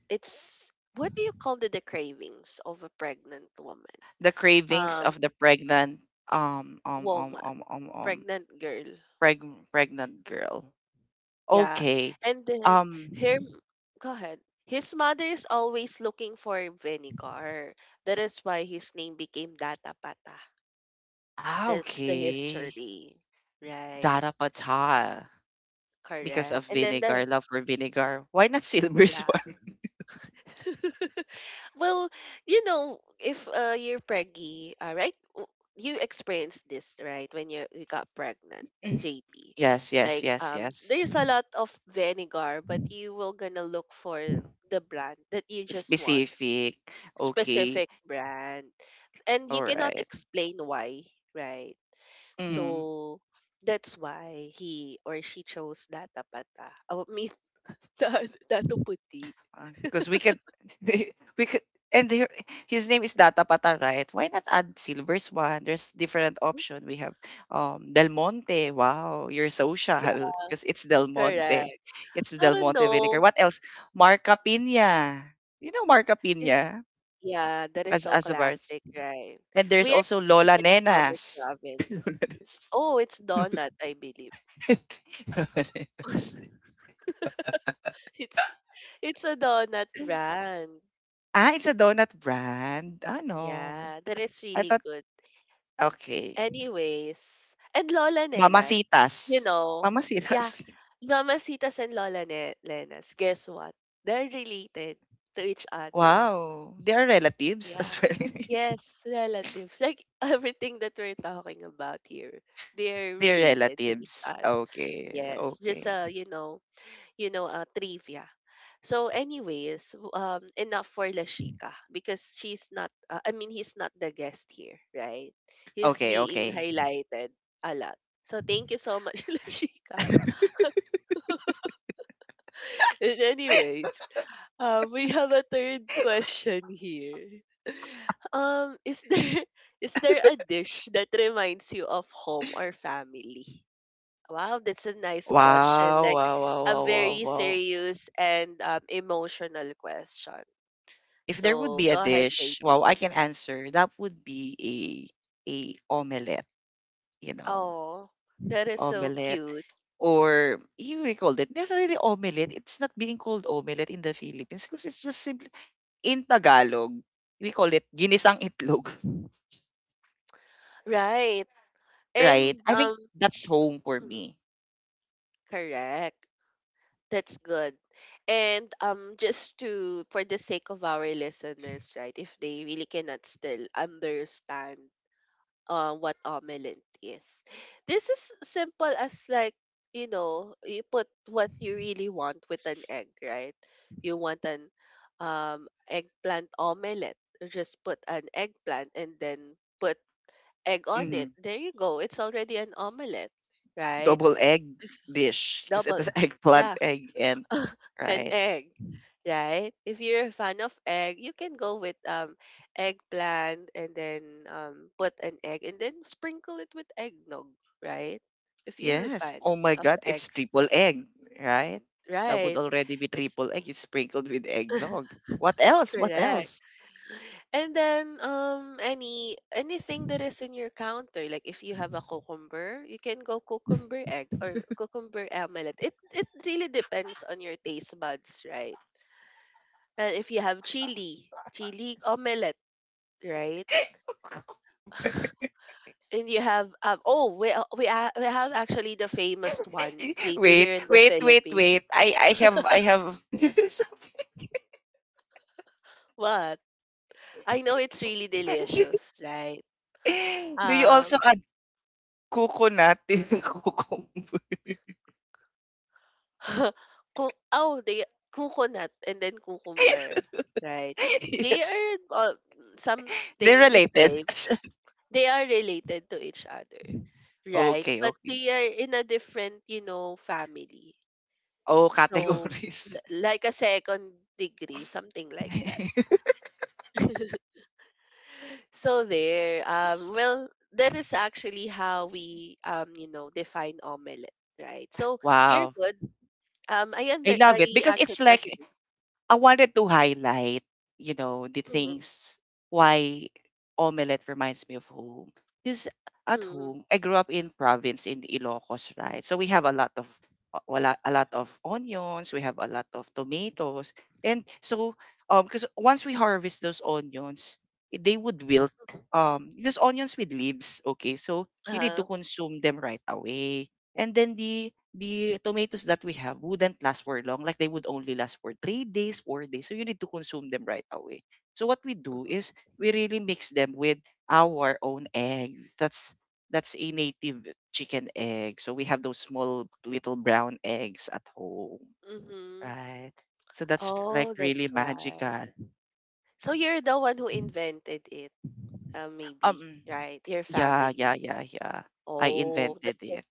it's what do you call the cravings of a pregnant woman?
The cravings
um
of the pregnant um um um
Woman,
um um um
pregnant girl.
preg pregnant girl.
Yeah.
Okay.
And then
Um,
her, go ahead, his mother is always looking for vinegar, that is why his name became datapata.
ah,
That's the
okay.
history, right?
Dara pata, because
Correct.
of
And then the.
vinegar, love for vinegar. Why not Silver
Yeah.
Swan?
[laughs] Well, you know, if you're preggy, right? You experienced this, right? When you got pregnant,
[laughs]
JP.
Yes, yes,
Like,
yes, yes.
there's a lot of vinegar, but you will gonna look for the brand that you just want,
Specific. Okay.
specific brand, and you
All
cannot
right.
explain why, right? So that's why he or she chose data pata. I mean, [laughs] datu puti.
Because we could, [laughs] we could, and there, his name is Data Pata, right? Why not add Silver's one? There's different option. We have Del Monte. Wow, you're social [laughs]
Yeah,
because it's Del Monte.
correct.
It's
I
Del
don't
Monte
know.
vinegar. What else? Marca Pina. You know Marca
It's,
Pina
yeah, that is so
as a bar.
classic, right?
And there's
We are
also
using
Lola
it in our
Nenas. [laughs]
province.
Lola Nenas.
Oh, it's
[laughs]
donut, I believe.
Lola Nenas.
[laughs] It's it's a donut brand.
Ah, it's a donut brand. Ah no,
Yeah, that is
I
really
thought,
good.
okay.
Anyways, and Lola Nenas,
Mamacitas.
you know, yeah,
Mamacitas. [laughs]
Mamacitas and Nenas, guess what? They're related to each other.
Wow, they are relatives
Yeah.
as well?
Yes, relatives. Like, [laughs] everything that we're talking about here, they're
[laughs] They're
related to each
relatives.
other.
Okay,
Yes, just
okay.
trivia. So, anyways, enough for Lashika because she's not. I mean, he's not the guest here, right? He's
Okay,
being
okay.
highlighted a lot. So, thank you so much, [laughs] Lashika. And
[laughs]
anyways, we have a third question here. [laughs] Is there [laughs] is there a dish that reminds you of home or family? Wow, that's a nice question.
Wow,
Like
wow, wow,
a
wow, wow,
very
wow.
serious and emotional question.
If there would
So
be a
go ahead,
dish,
JP.
wow, I can answer. That would be a omelette, you know.
Oh, that is so
Omelette
cute.
or you may call it, not really omelette. It's not being called omelette in the Philippines because it's just simply in Tagalog. We call it ginisang itlog.
Right.
Right.
And
I think that's home for
mm,
me.
correct. That's good. And just to for the sake of our listeners, right, if they really cannot still understand what omelette is. This is simple as like, you know, you put what you really want with an egg, right? You want an eggplant omelette, just put an eggplant and then put egg on it.
Hmm.
There you go. It's already an omelette, right?
Double egg
If
dish because it
double.
is [laughs] eggplant,
Yeah,
egg, and
an
right.
egg, right? If you're a fan of egg, you can go with eggplant and then put an egg and then sprinkle it with eggnog, right? If you're a
Yes.
fan
Oh my
of
God, it's
eggs,
triple egg, right? That would
right?
already be
S-
triple egg. It's sprinkled with eggnog. What else? What
Correct.
else?
And then anything that is in your counter, like if you have a cucumber, you can go cucumber egg or cucumber omelette. It really depends on your taste buds, right? And if you have chili, chili omelette, right?
[laughs]
And you have oh we have actually the famous one JP
Wait,
here in the
wait, wait, wait.
Philippines.
I have [laughs] Something.
What? I know it's really delicious,
[laughs]
right?
Do you also
Um
add coconut in the cucumber?
[laughs] oh they coconut and then cucumber, right?
[laughs]
They are
Yes, they're
something the
related.
same. They are related to each other,
[laughs]
right?
Okay,
But
okay.
they are in a different, you know, family.
Oh,
So
categories.
like a second degree, something like that.
[laughs]
So there, well, that is actually how we, you know, define omelette, right? So you're
Wow.
good.
I love it
I
because
actually
it's
agree.
like I wanted to highlight, you know, the
Mm-hmm,
things why omelette reminds me of home. Because at
mm-hmm,
home, I grew up in province in Ilocos, right? So we have a lot of, a lot of onions, we have a lot of tomatoes. And so because once we harvest those onions, they would wilt.
mm-hmm,
Those onions with leaves, okay? So you need to
uh,
consume them right away. And then the tomatoes that we have wouldn't last for long. Like they would only last for 3 days, 4 days. So you need to consume them right away. So what we do is
mm-hmm,
we really mix them with our own eggs. That's a native chicken egg. So we have those small little brown eggs at home,
mm-hmm.
right? So that's like
Oh,
really
that's why.
magical.
So you're the one who invented it, maybe,
Um,
right? Your
yeah, yeah,
family.
yeah, yeah. I
Oh, the,
invented it.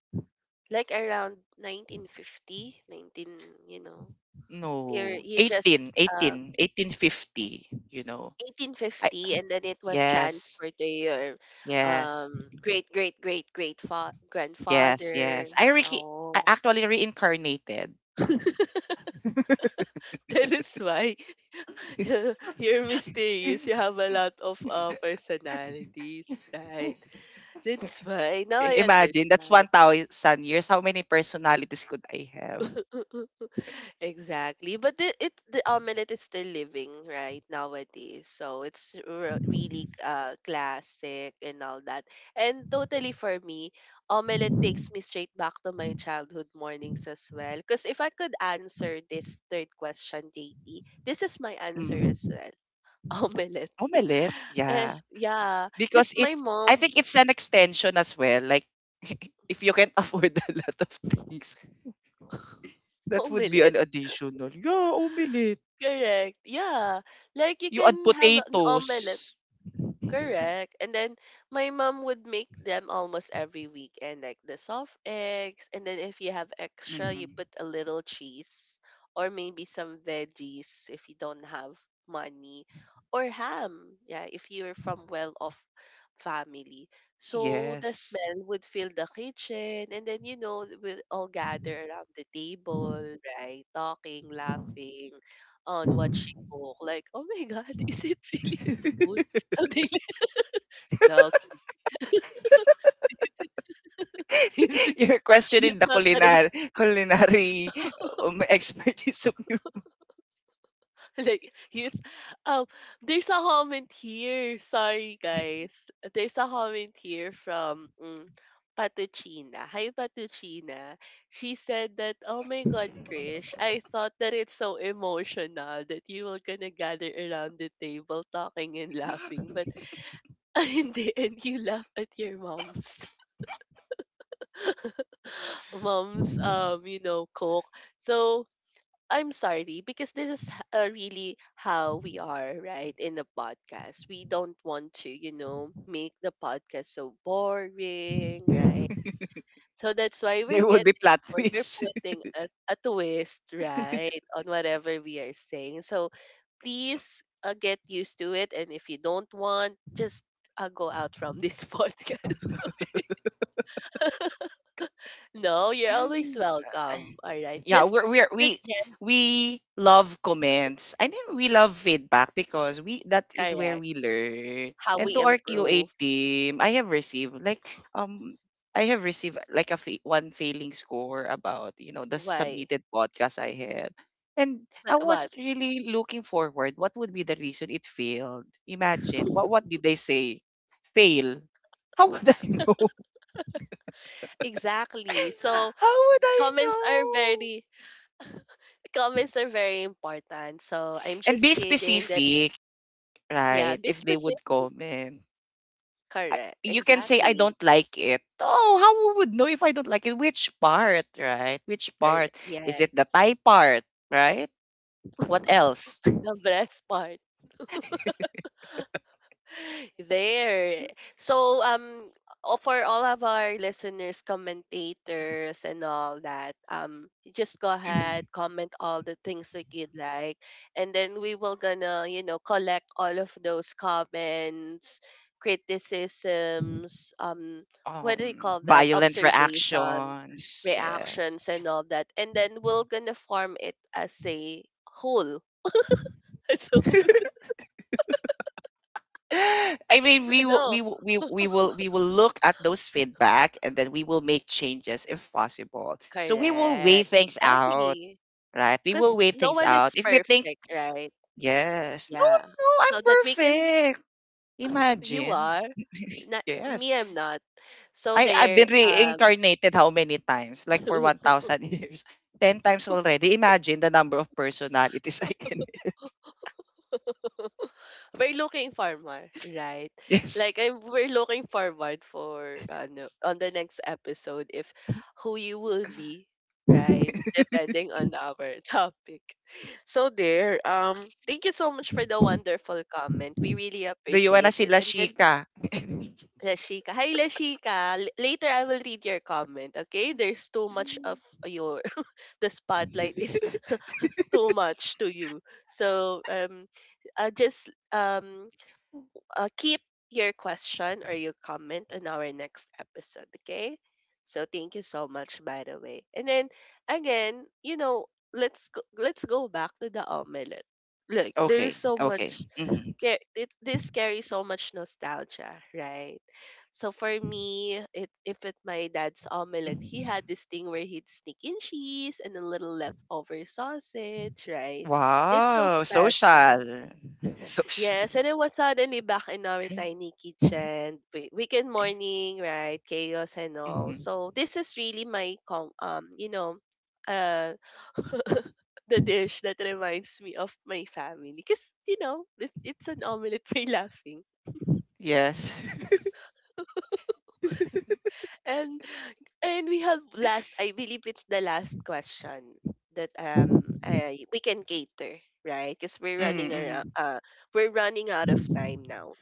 like around you know, you're
No,
you just, uh,
1850. You know. I,
1850, and then it was
yes.
transferred to your
Yes.
great great great great
Yes, yes.
grandfather.
I
Oh.
actually reincarnated.
[laughs] That is why [laughs] you're mysterious. You
[laughs]
have a lot of personalities, right? That's why. Now I
Imagine, that's
understand.
1,000 years. How many personalities could I have?
[laughs] Exactly. But the omelet is still living right nowadays. So it's really classic and all that. And totally for me, omelet takes me straight back to my childhood mornings as well. Because if I could answer this third question, JP, this is my answer as
Mm.
well. [laughs] Omelet.
Omelette,
Eh,
yeah.
yeah, because
Because it,
my
I
mom
think it's an extension as well. Like, [laughs] if you can [laughs] afford a lot of things,
[laughs]
that would be an
omelet.
additional. Yeah, omelette.
Correct. Yeah. Like you
You add
can have an omelet.
potatoes.
Correct. And then my mom would make them almost every weekend, like the soft eggs. And then if you have extra, you
Mhm.
put a little cheese or maybe some veggies if you don't have money or ham. Yeah, if you're from well-off family. So the
Yes.
smell would fill the kitchen. And then, you know, we'll all gather around the table, right? Talking, laughing on what she cooked. Like, oh my God, [laughs] is it really food?
[laughs]
[laughs] Something, no, [laughs]
[laughs] You're
you
questioning the
thought that it
culinar
[laughs]
culinary, [laughs] expertise of you.
[laughs] like you. Um, there's a comment here. Sorry, guys. There's a comment here from mm, Patuchina. Hi, Patuchina. She said that, "Oh my God, Krish, I thought that it's so emotional that you were gonna gather around the table talking and laughing, but [laughs] hindi, and you laugh at your mom's [laughs] mom's you know, cook." So I'm sorry because this is really how we are, right? In the podcast, we don't want to, you know, make the podcast so boring, right?
[laughs]
So that's why we're
There would
getting
be plot
or we're
twist.
putting a twist, right, on whatever we are saying. So please get used to it, and if you don't want, just go out from this [laughs] podcast. No, you're always
[laughs]
welcome. All right,
yeah
just
we're, we're we
suggest,
we love comments. I mean we love feedback because we that is where
correct,
we learn.
how
And
we
to our QA
improve.
team, I have received like, um I have received like one failing score about, you know, the
Why?
submitted podcast I have. And I
But
was
what?
really looking forward what would be the reason it failed. Imagine, what did they say? Fail, how would I know?
Exactly.
[laughs]
So
how would I
comments are
know?
very [laughs] comments are very important. So I'm
And
just
be
kidding that
specific.
yeah,
Right.
be
If they
specific.
would comment. I,
Correct.
you can say, I
Exactly.
don't like it. Oh, how we would know if I don't like it? Which part, right? Which
Correct.
part? Is it the
Yes.
Thai part, right? What else?
[laughs] The breast part. There. So, for all of our listeners, commentators, and all that, just go ahead,
[clears throat]
comment all the things that you'd like, and then we will gonna, you know, collect all of those comments, criticisms, what do you call that?
Violent
Observation,
reactions. Yes.
reactions, and all that, and then we're gonna form it as a whole. [laughs] So,
[laughs] I mean,
no,
we will look at those feedback, and then we will make changes if possible. So we will weigh
correct,
things out,
exactly.
right? We
Because
will weigh
no
things
one
out.
is
If we think,
perfect, right?
yes. No,
Yeah.
no, no,
So
I'm
that we can,
perfect.
you
Imagine.
are, not, me,
Yes.
I'm not. So
I've
there,
been reincarnated how many times? Like for
[laughs]
1,000 [laughs] years. 10 times already. Imagine the number of personalities I can. [laughs]
we're looking forward, right?
Yes.
Like I, we're looking forward for no, on the next episode if who you will be, right? Depending on our [laughs] topic. So there, thank you so much for the wonderful comment. We really
Do you wanna
appreciate it.
sila
And then
Shika?
Rashika. Hi, Rashika. Later, I will read your comment, okay? There's too much of your... [laughs] The spotlight is [laughs] too much to you. So, just keep your question or your comment on our next episode, okay? So, thank you so much, by the way. And then, again, you know, let's go back to the omelette. Like, there's
Okay.
so much
Okay. Mhm.
this carries so much nostalgia, right? So for me, it if it my dad's omelet, he
Mhm.
had this thing where he'd sneak in cheese and a little leftover sausage, right? It's so
Wow.
special.
Social. [laughs]
Yes,
Social.
and it was suddenly back in our tiny kitchen, weekend morning, right? Chaos and all.
Mhm.
So this is really my uh [laughs] the dish that reminds me of my family because it's an omelette for [laughs] laughing
Yes. [laughs]
and and we have last I believe it's the last question that we can cater, right? Because we're running around
Mm-hmm.
we're running out of time now.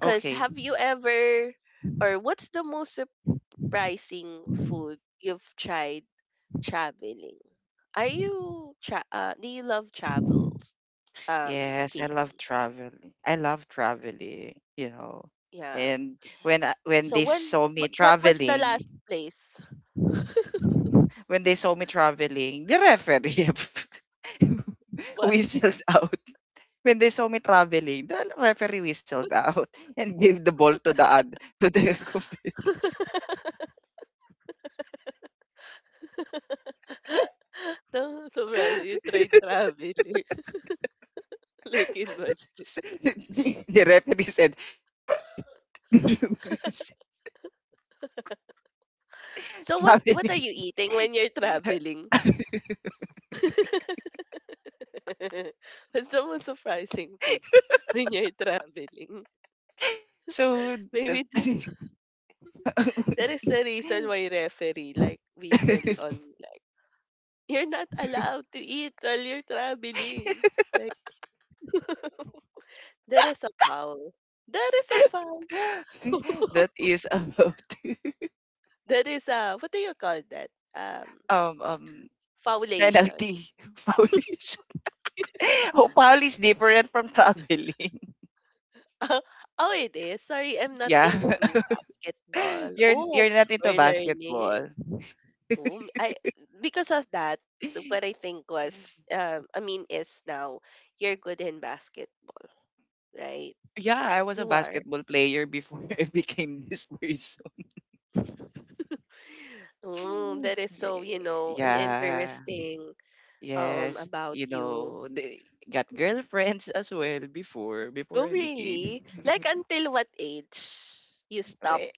Because
Okay.
have you ever, or what's the most surprising food you've tried traveling? Do you love travels? um
Yes, I
Date.
love traveling. I love traveling, you know.
Yeah.
And when
So
they saw me
what was the last
traveling,
place?
when they saw me traveling, the referee [laughs]
What?
whistled out. When they saw me traveling, the referee whistled out [laughs] and gave the ball to the ad, to the [laughs] comp-
[laughs] No, sobra. You tried traveling [laughs] like in Madrid.
So the referee said [laughs]
So what are
traveling.
you eating when you're traveling? [laughs] What's the most surprising food [laughs] when you're traveling?
So the,
Maybe th-
[laughs]
that is the reason why referee like we sell online. You're not allowed to eat while you're traveling. Like, there is a foul. There is a foul. [laughs]
that is about
That is, what do you call that? Um,
[laughs] um um
Foulation.
penalty. [laughs] Foulish. [laughs] Oh, foul is different from traveling.
[laughs] Oh, it is. Sorry, I'm
[laughs]
not
Yeah.
into
[laughs]
basketball. Oh,
You're not into
we're learning.
basketball.
Oh, I Because of that, what I think was, is now you're good in basketball, right?
Yeah, I was a
You are.
basketball player before [laughs] I became this person.
[laughs] Oh,
[laughs]
that is so, you
Eh,
know, an
yeah.
interesting
Yes.
about
You
you.
know, they got girlfriends as well before
Oh,
I became
really? Like
[laughs]
until what age you stop
eh,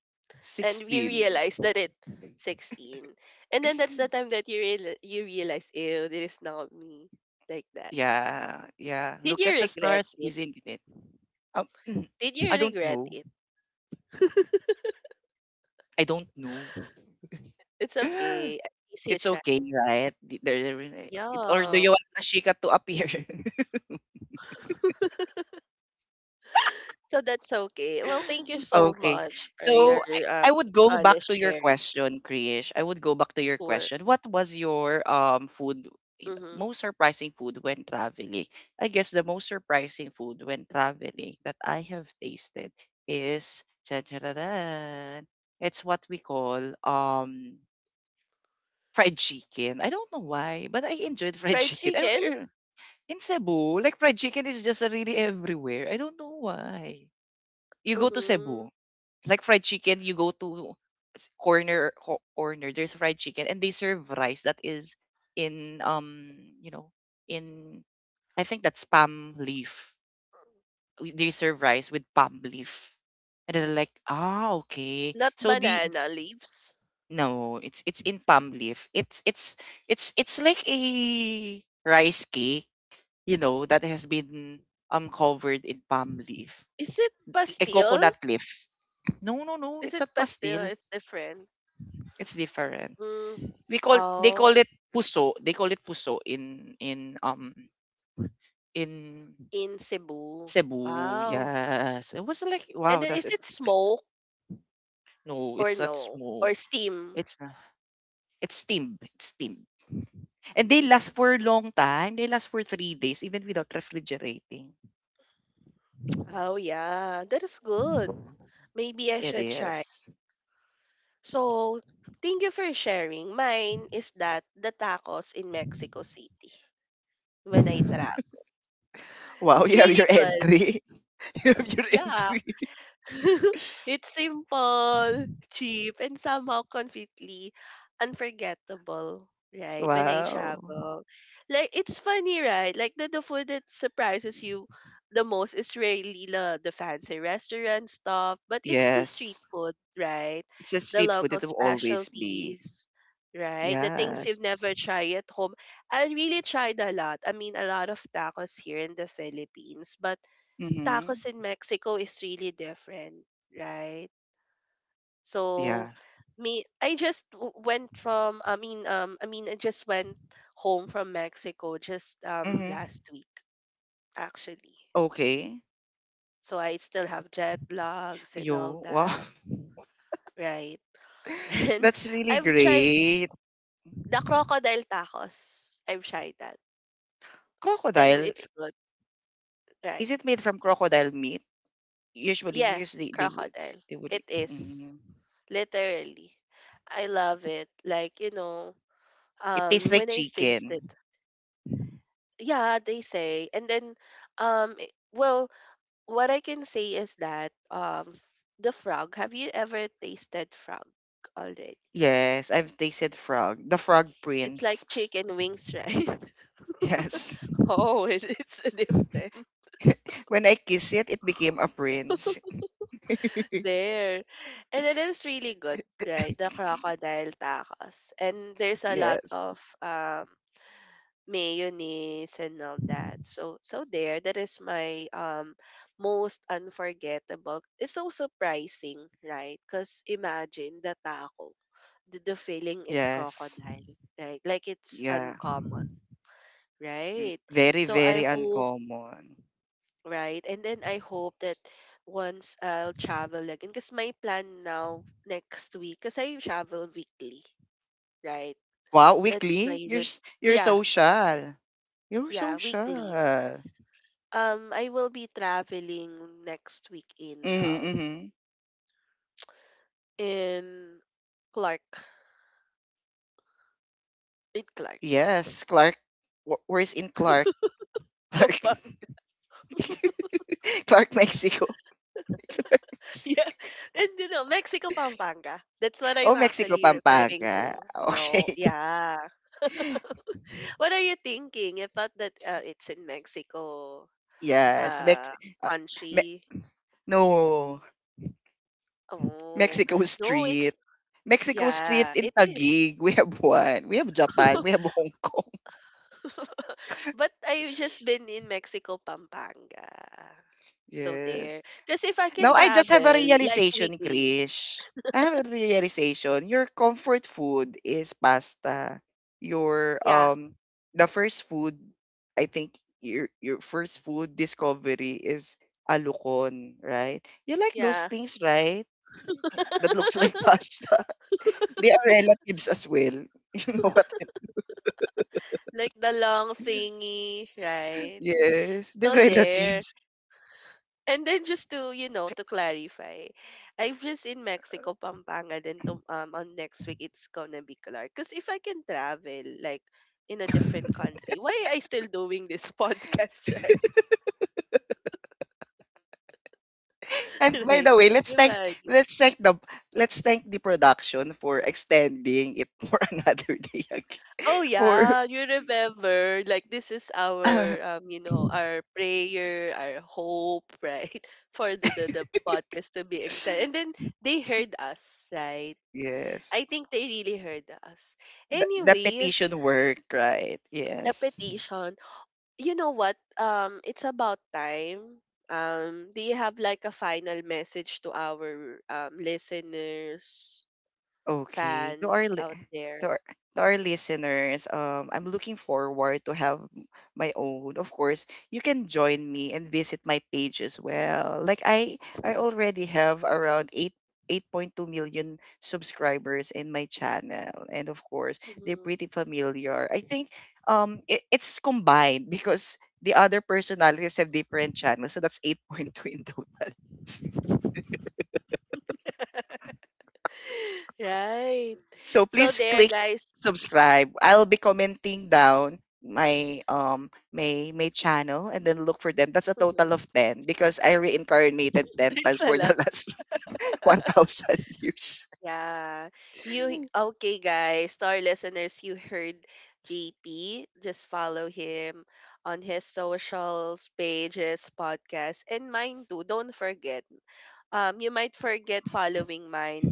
and we
16.
realized that it's 16, and then that's the time that you realize, ew, this is not me like that.
Yeah. Yeah.
Did
Look
you
at the
regret
stars,
it?
isn't it? Um, [clears throat]
Did you
I don't
regret
know.
it?
I don't know.
It's
[laughs]
okay, at least you
It's
tried.
okay, right? There, there is a- it- or do
Yeah.
you want Nashika to appear? [laughs]
[laughs] So that's okay, well thank you so
Okay.
much for your
So I
um
would go back
honest
to your
sharing.
question, Krish. I would go back to your
Sure.
question. What was your food, you know,
Mm-hmm.
most surprising food when traveling? I guess the most surprising food when traveling that I have tasted is cha-cha-ra-ran. It's what we call fried chicken. I don't know why, but I enjoyed fried
Fried
chicken. I don't
chicken.
know. In Cebu, like fried chicken is just really everywhere. I don't know why. You go to
Mm-hmm.
Cebu, like fried chicken, you go to s- corner corner. There's fried chicken, and they serve rice that is in you know, in, I think that's palm leaf. They serve rice with palm leaf, and they're like, ah, okay.
Not
So the,
banana leaves.
no, it's in palm leaf. It's, it's like a rice cake, you know, that has been covered in palm leaf.
Is it
A
pastil?
coconut leaf. No, no, no.
Is
It's
it
not pastil.
pastil? It's different.
It's different.
Mm.
We call they call
Oh.
it puso. They call it puso in in
In Cebu.
Cebu.
Wow.
Yes. It was like
And
wow,
then
that's
is
just-
it smoke
no,
or
it's not
no?
smoke.
Or steam?
It's not, it's steam. It's steam. And they last
Mm.
for a long time. They last for 3 days, even without refrigerating.
Oh yeah, that is good. Maybe I
It
should try.
is.
So, thank you for sharing. Mine is that the tacos in Mexico City when I travel.
Wow, [laughs]
It's
you have
really
your
good.
entry. [laughs] You have your
Yeah.
entry.
[laughs] It's simple, cheap, and somehow completely unforgettable, right? When I
Wow.
travel. Like it's funny, right? Like the food that surprises you the most is really the fancy restaurant stuff, but it's the street
Yes.
food, right?
It's a
The
street food.
local
It will always be.
specialties. Right, the things you've
Yes.
never tried at home. I really tried a lot. I mean, a lot of tacos here in the Philippines, but
Mm-hmm.
tacos in Mexico is really different, right? So
Yeah.
me I just w- went from I mean I mean I just went home from Mexico just
Mm-hmm.
last week actually.
Okay.
So I still have jet lags and all
Yo. Wow.
that, right? [laughs]
[laughs]
And
That's really
I've tried
great.
the crocodile tacos. I've tried that and
Crocodile.
it's good,
Is
right?
it made from crocodile meat? Usually,
Yeah,
because they would,
crocodile.
they would.
It is
Mm.
literally. I love it. Like, you know,
It tastes
When
like
I taste
chicken.
it, yeah, they say. And then, well, what I can say is that the frog. Have you ever tasted frog already?
Yes, I've tasted frog. The frog
It's like
prince.
chicken
[laughs]
wings, right? [laughs]
Yes. [laughs]
Oh, it's a different
When I kiss it, it became a prince.
[laughs] there. And then it's really good, right? The
[laughs]
crocodile tacos. And there's a lot
Yes.
of mayonnaise and all that. So so there, that is my most unforgettable. It's so surprising, right? Because imagine the taco, the feeling is
Yes.
crocodile, right? Like it's
Yeah.
uncommon,
V-
right?
Very,
So I
very
hope,
uncommon.
right? And then I hope that once I'll travel again, because my plan now next week, because I travel weekly, right?
Wow,
That's my
weekly? You're
route.
s- you're
Yeah,
social. You're
yeah, weekly.
social.
I will be traveling next week in
Mm-hmm, mm-hmm.
in Clark, in Clark,
Yes, Clark. Wh- Where's in Clark? [laughs]
[laughs]
Clark.
Pampanga.
[laughs] Clark, Mexico. [laughs] Clark,
Yeah,
Mexico.
and you know Mexico, Pampanga. That's what I'm
Oh, Mexico,
actually referring to.
Pampanga.
No,
Okay.
yeah.
[laughs]
[laughs] What are you thinking? I thought that it's in Mexico,
Yes, Mex,
uh,
uh, me,
country.
no,
Oh
Mexico
no, it's
Street. Mexico Street
yeah,
in
it is.
Taguig. We have one. We have Japan.
[laughs]
We have Hong Kong.
[laughs] But I've just been in Mexico, Pampanga.
[laughs]
So there.
Yes.
Because if I
Now
can
I just have a
travel, like
realization,
weekly.
Krish. I have a realization. Your comfort food is pasta. Your
Yeah,
the first food, I think your first food discovery is alukon, right? You like those
yeah.
things, right? That looks like [laughs]
[laughs]
pasta. They are relatives as well. [laughs] You know what? I-
Like the long thingy, right?
Yes, they're
So there.
relatives.
And then just to, you know, to clarify, I'm just in Mexico, Pampanga. Then to, on next week, it's gonna be Clark. Because if I can travel, like, in a different country, why I still doing this [laughs] podcast, right?
And
[laughs]
by
Right?
the way,
Imagine.
let's thank the let's thank the production for extending it for [laughs] another day again.
Oh
For
yeah,
[laughs]
you remember like this is our you know our prayer, our hope, right? [laughs] For the podcast to be extended. And then
[coughs]
they heard us, right?
yes,
I think they really heard us.
the
Anyways,
petition work, right?
the
Yes.
petition, you know what? It's about time. Do you have like a final message to our listeners,
Okay.
fans out there?
To our, to our listeners, I'm looking forward to have my own. Of course, you can join me and visit my page as well. Like I already have around eight. 8.2 million subscribers in my channel. And of course, they're
Hmm.
pretty familiar, I think. It, it's combined [laughs] because the other personalities have different channels, so that's 8.2 in total. [laughs]
[laughs] [laughs] Right.
So
So
please
there,
click
guys. [laughs]
subscribe. I'll be commenting down my my channel, and then look for them. That's a total of 10 because I reincarnated 10 times
There's
for
a
the
lot.
last [laughs] 1,000 years.
Yeah.
[laughs]
You okay, guys? To our listeners, you heard JP. Just follow him on his socials, pages, podcast, and mine too. Don't forget. You might forget following mine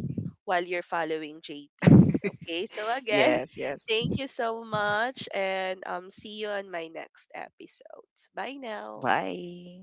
while you're following JP's. Okay. So again,
yes,
[laughs]
yes.
thank you so much, and see you on my next episodes. Bye now.
Bye.